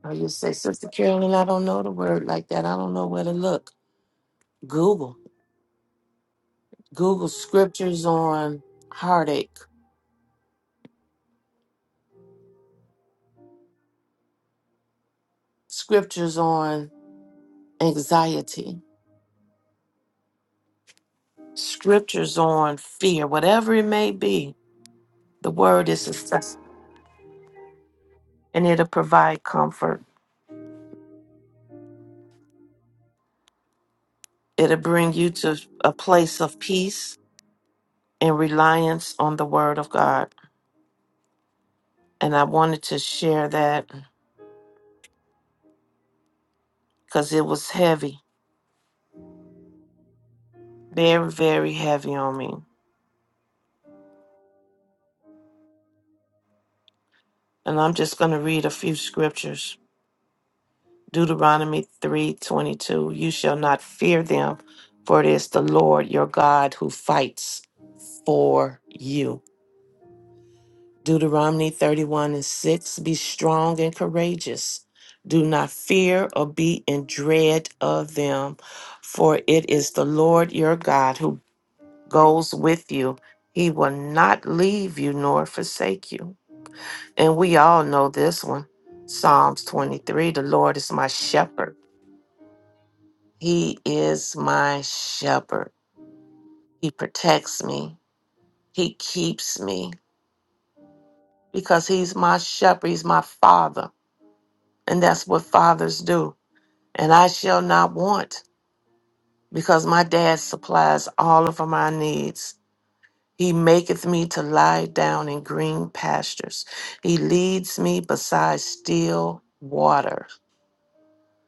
Now you say, Sister Carolyn, I don't know the Word like that. I don't know where to look. Google. Google scriptures on heartache, scriptures on anxiety, scriptures on fear, whatever it may be. The Word is accessible, and it'll provide comfort. It'll bring you to a place of peace and reliance on the Word of God. And I wanted to share that because it was heavy They're very heavy on me. And I'm just going to read a few scriptures. Deuteronomy 3:22 You shall not fear them, for it is the Lord your God who fights for you. Deuteronomy 31 and 6 Be strong and courageous. Do not fear or be in dread of them, for it is the Lord your God who goes with you. He will not leave you nor forsake you. And we all know this one Psalms 23 The Lord is my shepherd. He is my shepherd. He protects me, He keeps me because He's my shepherd, He's my father. And that's what fathers do. And I shall not want because my dad supplies all of my needs. He maketh me to lie down in green pastures. He leads me beside still water,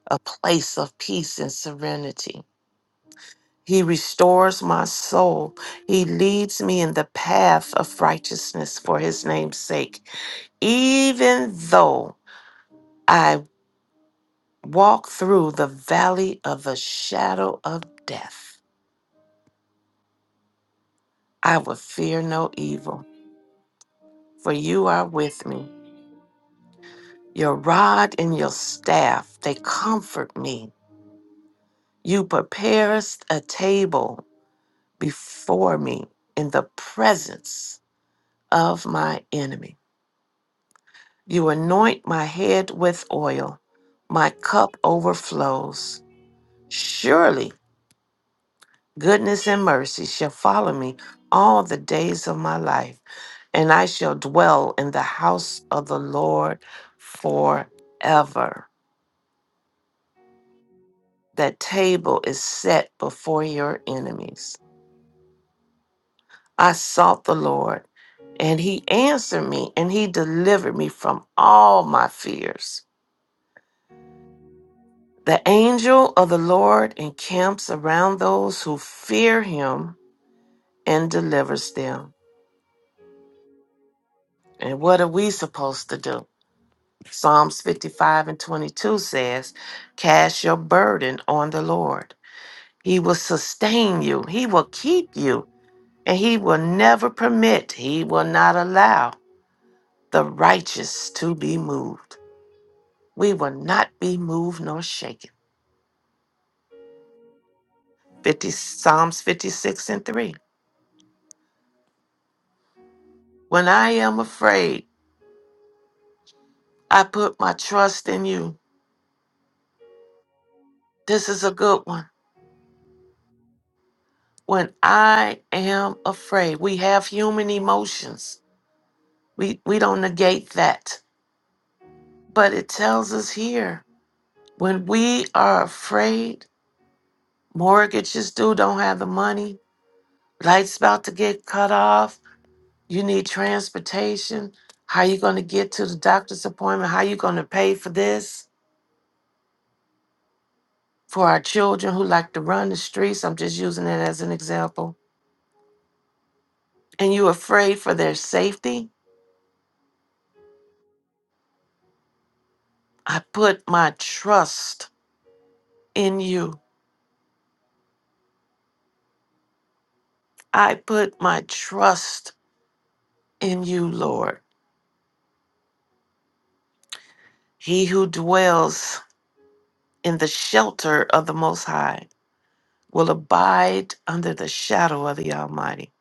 a place of peace and serenity. He restores my soul. He leads me in the path of righteousness for his name's sake. Even though I walk through the valley of the shadow of death, I will fear no evil, for you are with me. Your rod and your staff, they comfort me. You preparest a table before me in the presence of my enemies. You anoint my head with oil, my cup overflows. Surely goodness and mercy shall follow me all the days of my life, and I shall dwell in the house of the Lord forever. That table is set before your enemies. I sought the Lord, and he answered me, and he delivered me from all my fears. The angel of the Lord encamps around those who fear him and delivers them. And what are we supposed to do? Psalms 55 and 22 says, Cast your burden on the Lord. He will sustain you, He will keep you, and He will never permit, He will not allow the righteous to be moved. We will not be moved nor shaken. 50, Psalms 56 and 3. When I am afraid, I put my trust in you. This is a good one. When I am afraid, we have human emotions. We, we don't negate that. But it tells us here when we are afraid, mortgages due, don't have the money, lights about to get cut off, you need transportation. How you going to get to the doctor's appointment? How you going to pay for this? For our children who like to run the streets, I'm just using it as an example. And you afraid for their safety? I put my trust in you. I put my trust in you, Lord. He who dwells in the shelter of the Most High will abide under the shadow of the Almighty.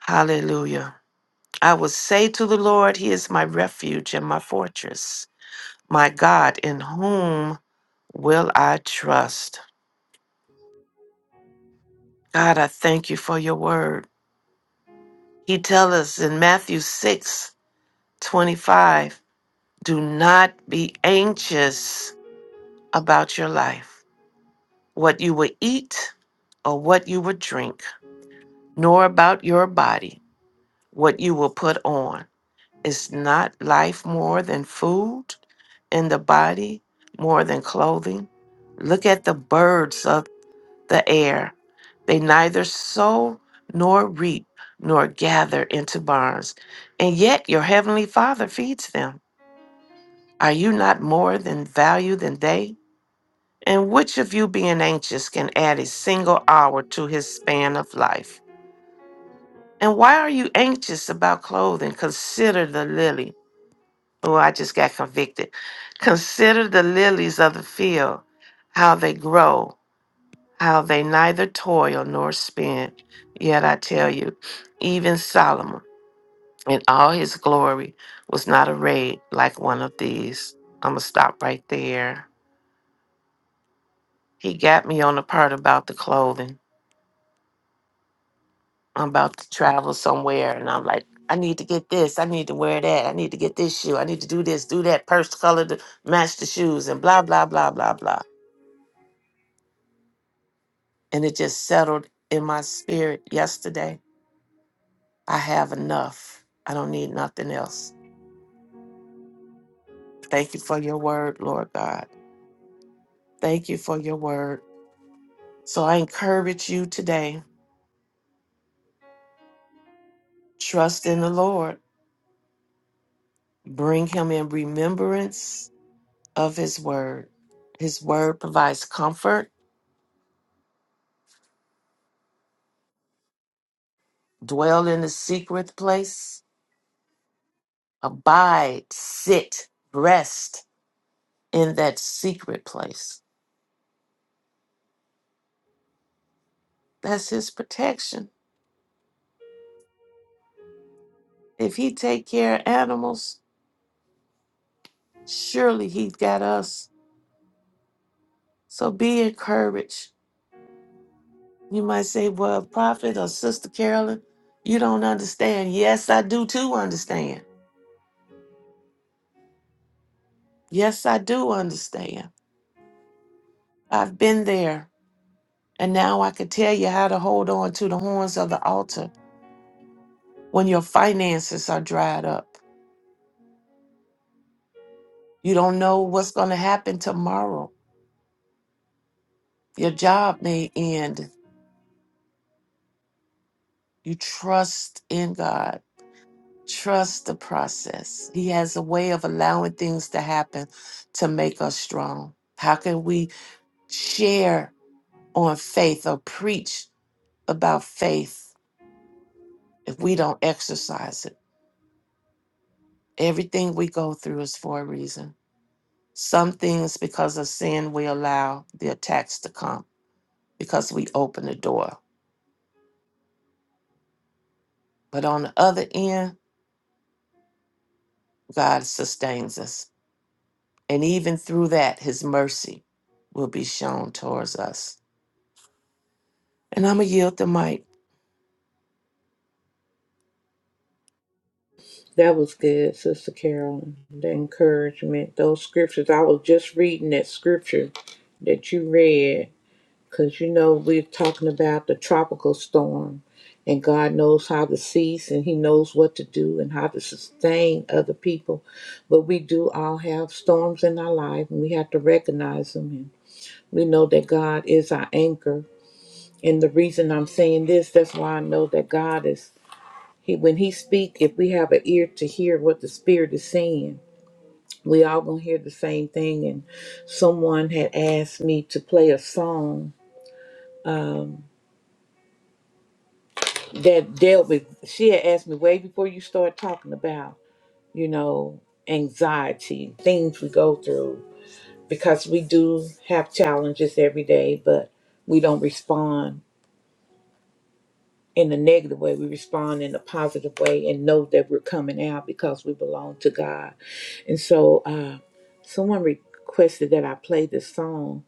Hallelujah. I will say to the Lord, He is my refuge and my fortress, my God, in whom will I trust? God, I thank you for your word. He tells us in Matthew 6 25. Do not be anxious about your life, what you will eat or what you will drink, nor about your body, what you will put on. Is not life more than food, and the body more than clothing? Look at the birds of the air. They neither sow nor reap nor gather into barns, and yet your heavenly Father feeds them. Are you not more than value than they? And which of you being anxious can add a single hour to his span of life? And why are you anxious about clothing? Consider the lily. Oh, I just got convicted. Consider the lilies of the field, how they grow, how they neither toil nor spin. Yet I tell you, even Solomon in all his glory was not arrayed like one of these. I'm going to stop right there. He got me on the part about the clothing. I'm about to travel somewhere and I'm like, I need to get this, I need to wear that, I need to get this shoe, I need to do this, do that, purse color to match the shoes and blah, blah, blah, blah, blah. And it just settled in my spirit yesterday. I have enough. I don't need nothing else. Thank you for your word, Lord God. Thank you for your word. So I encourage you today, trust in the Lord. Bring him in remembrance of his word. His word provides comfort dwell in the secret place, abide, sit, rest in that secret place. That's his protection. If he take care of animals, surely he's got us. So be encouraged. You might say, well, Prophet or Sister Carolyn, you don't understand. Yes, I do too understand. Yes, I do understand. I've been there. And now I can tell you how to hold on to the horns of the altar when your finances are dried up You don't know what's going to happen tomorrow. Your job may end. You trust in God. Trust the process. He has a way of allowing things to happen to make us strong. How can we share on faith or preach about faith if we don't exercise it? Everything we go through is for a reason. Some things, because of sin, we allow the attacks to come because we open the door. But on the other end, God sustains us. And even through that, his mercy will be shown towards us. And I'm going to yield the mic.
That was good, Sister Carolyn. The encouragement, those scriptures. I was just reading that scripture that you read. Because you know, we're talking about the tropical storm, and God knows how to cease and He knows what to do and how to sustain other people. But we do all have storms in our life, and we have to recognize them. And we know that God is our anchor. And the reason I'm saying this, that's why I know that God is, He when He speaks, if we have an ear to hear what the Spirit is saying, we all gonna hear the same thing. And someone had asked me to play a song that dealt with she had asked me way before you start talking about you know anxiety things we go through because we do have challenges every day but we don't respond in a negative way we respond in a positive way and know that we're coming out because we belong to god and so uh someone requested that i play this song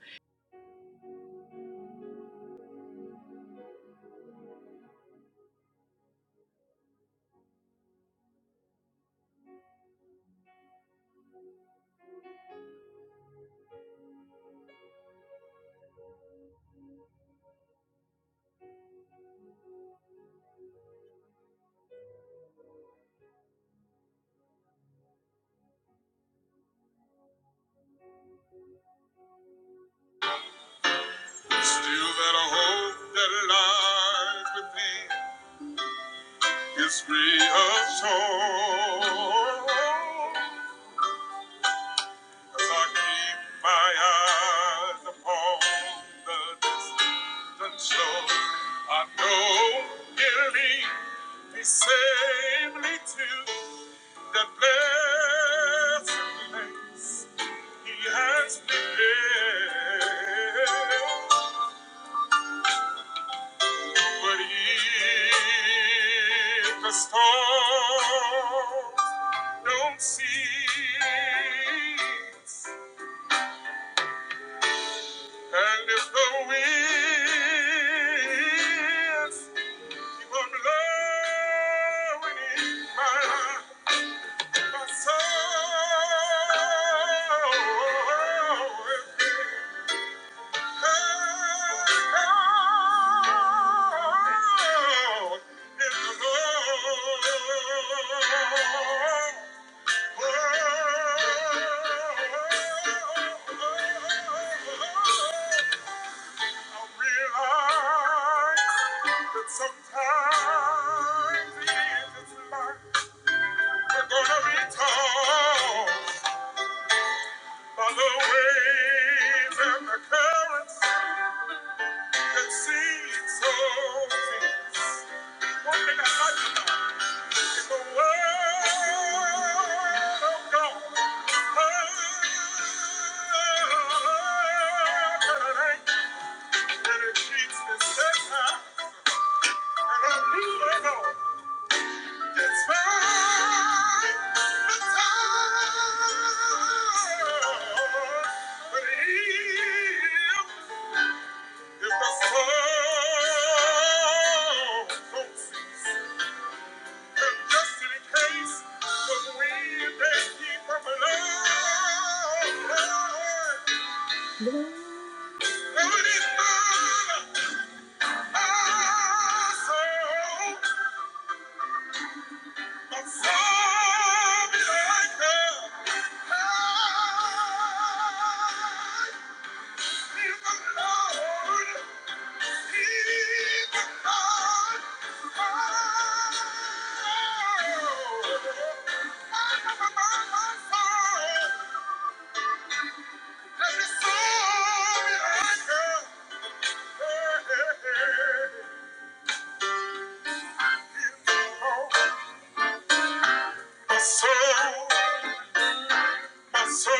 still that I hope that lies within is reassured as I keep my eyes upon the distant shore. I know he'll lead me safely to that blessed place he has prepared. But if the storms don't cease, and if the winds keep on blowing in my, my soul, Sometimes in this life we're gonna be tossed by the waves and the currents. Let's sing it so. One thing like the word of God. And it keeps me safe now. And I knew I know. It's right. But if, if the song don't cease, Thank you. Soul.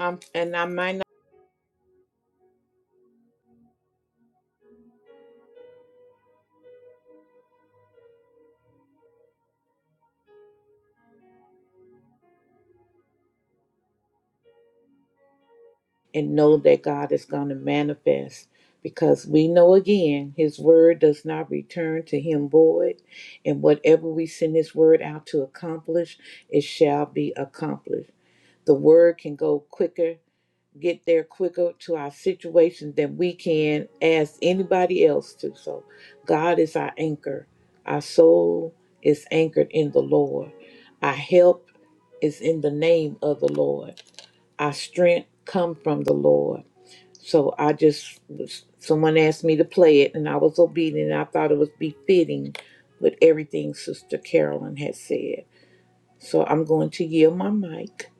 Um, and I might not. and know that God is going to manifest because we know again his word does not return to him void and whatever we send his word out to accomplish it shall be accomplished the word can go quicker get there quicker to our situation than we can ask anybody else to so god is our anchor our soul is anchored in the lord our help is in the name of the lord our strength come from the lord so I just was, someone asked me to play it, and I was obedient. I thought it was befitting with everything Sister Carolyn had said. So I'm going to yield my mic.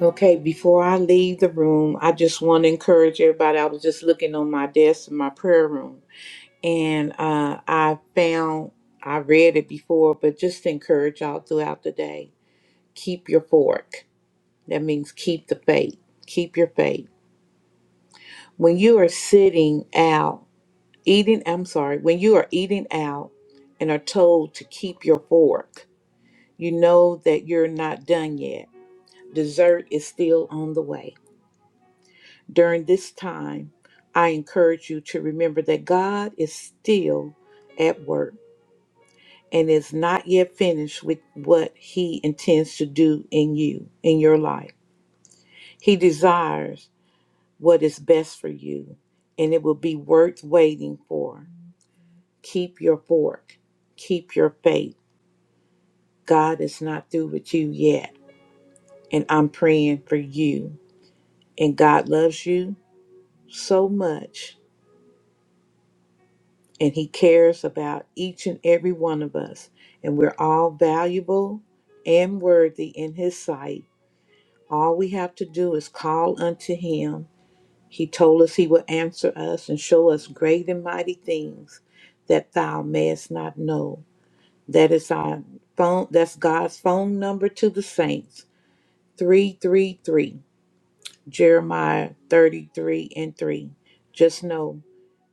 Okay, before I leave the room, I just want to encourage everybody. I was just looking on my desk in my prayer room, and uh, I found I read it before, but just to encourage y'all throughout the day, keep your fork. That means keep the faith. Keep your faith. When you are sitting out Eating, I'm sorry, when you are eating out and are told to keep your fork, you know that you're not done yet. Dessert is still on the way. During this time, I encourage you to remember that God is still at work and is not yet finished with what He intends to do in you, in your life. He desires what is best for you, and it will be worth waiting for. Keep your fork, keep your faith God is not through with you yet. And I'm praying for you. And God loves you so much. And He cares about each and every one of us. And we're all valuable and worthy in His sight. All we have to do is call unto Him. He told us He will answer us and show us great and mighty things that thou mayest not know. That is our phone, that's God's phone number to the saints 333. Jeremiah 33 and 3. Just know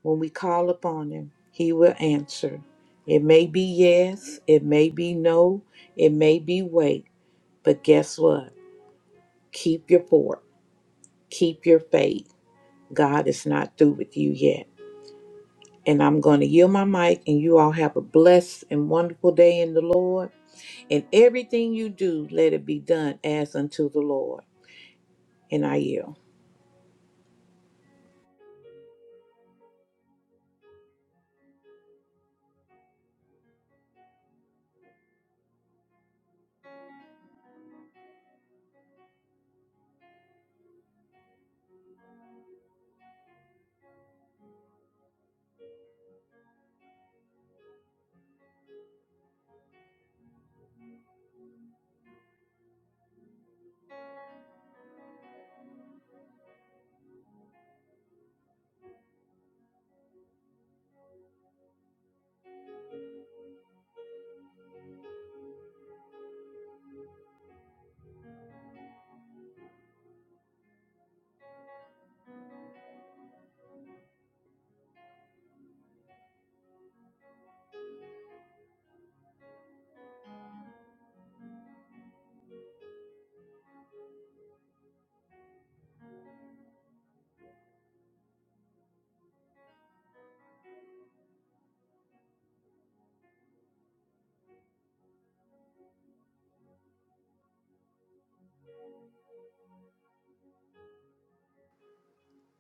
when we call upon him, he will answer. It may be yes, it may be no, it may be wait, but guess what? Keep your fort, keep your faith. God is not through with you yet. And I'm going to yield my mic, and you all have a blessed and wonderful day in the Lord. And everything you do, let it be done as unto the Lord. And I yield.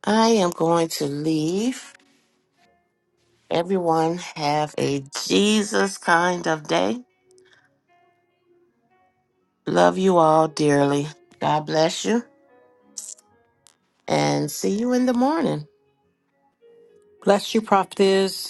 I am going to leave. Everyone have a Jesus kind of day. Love you all dearly. God bless you and see you in the morning.
Bless you, prophetess.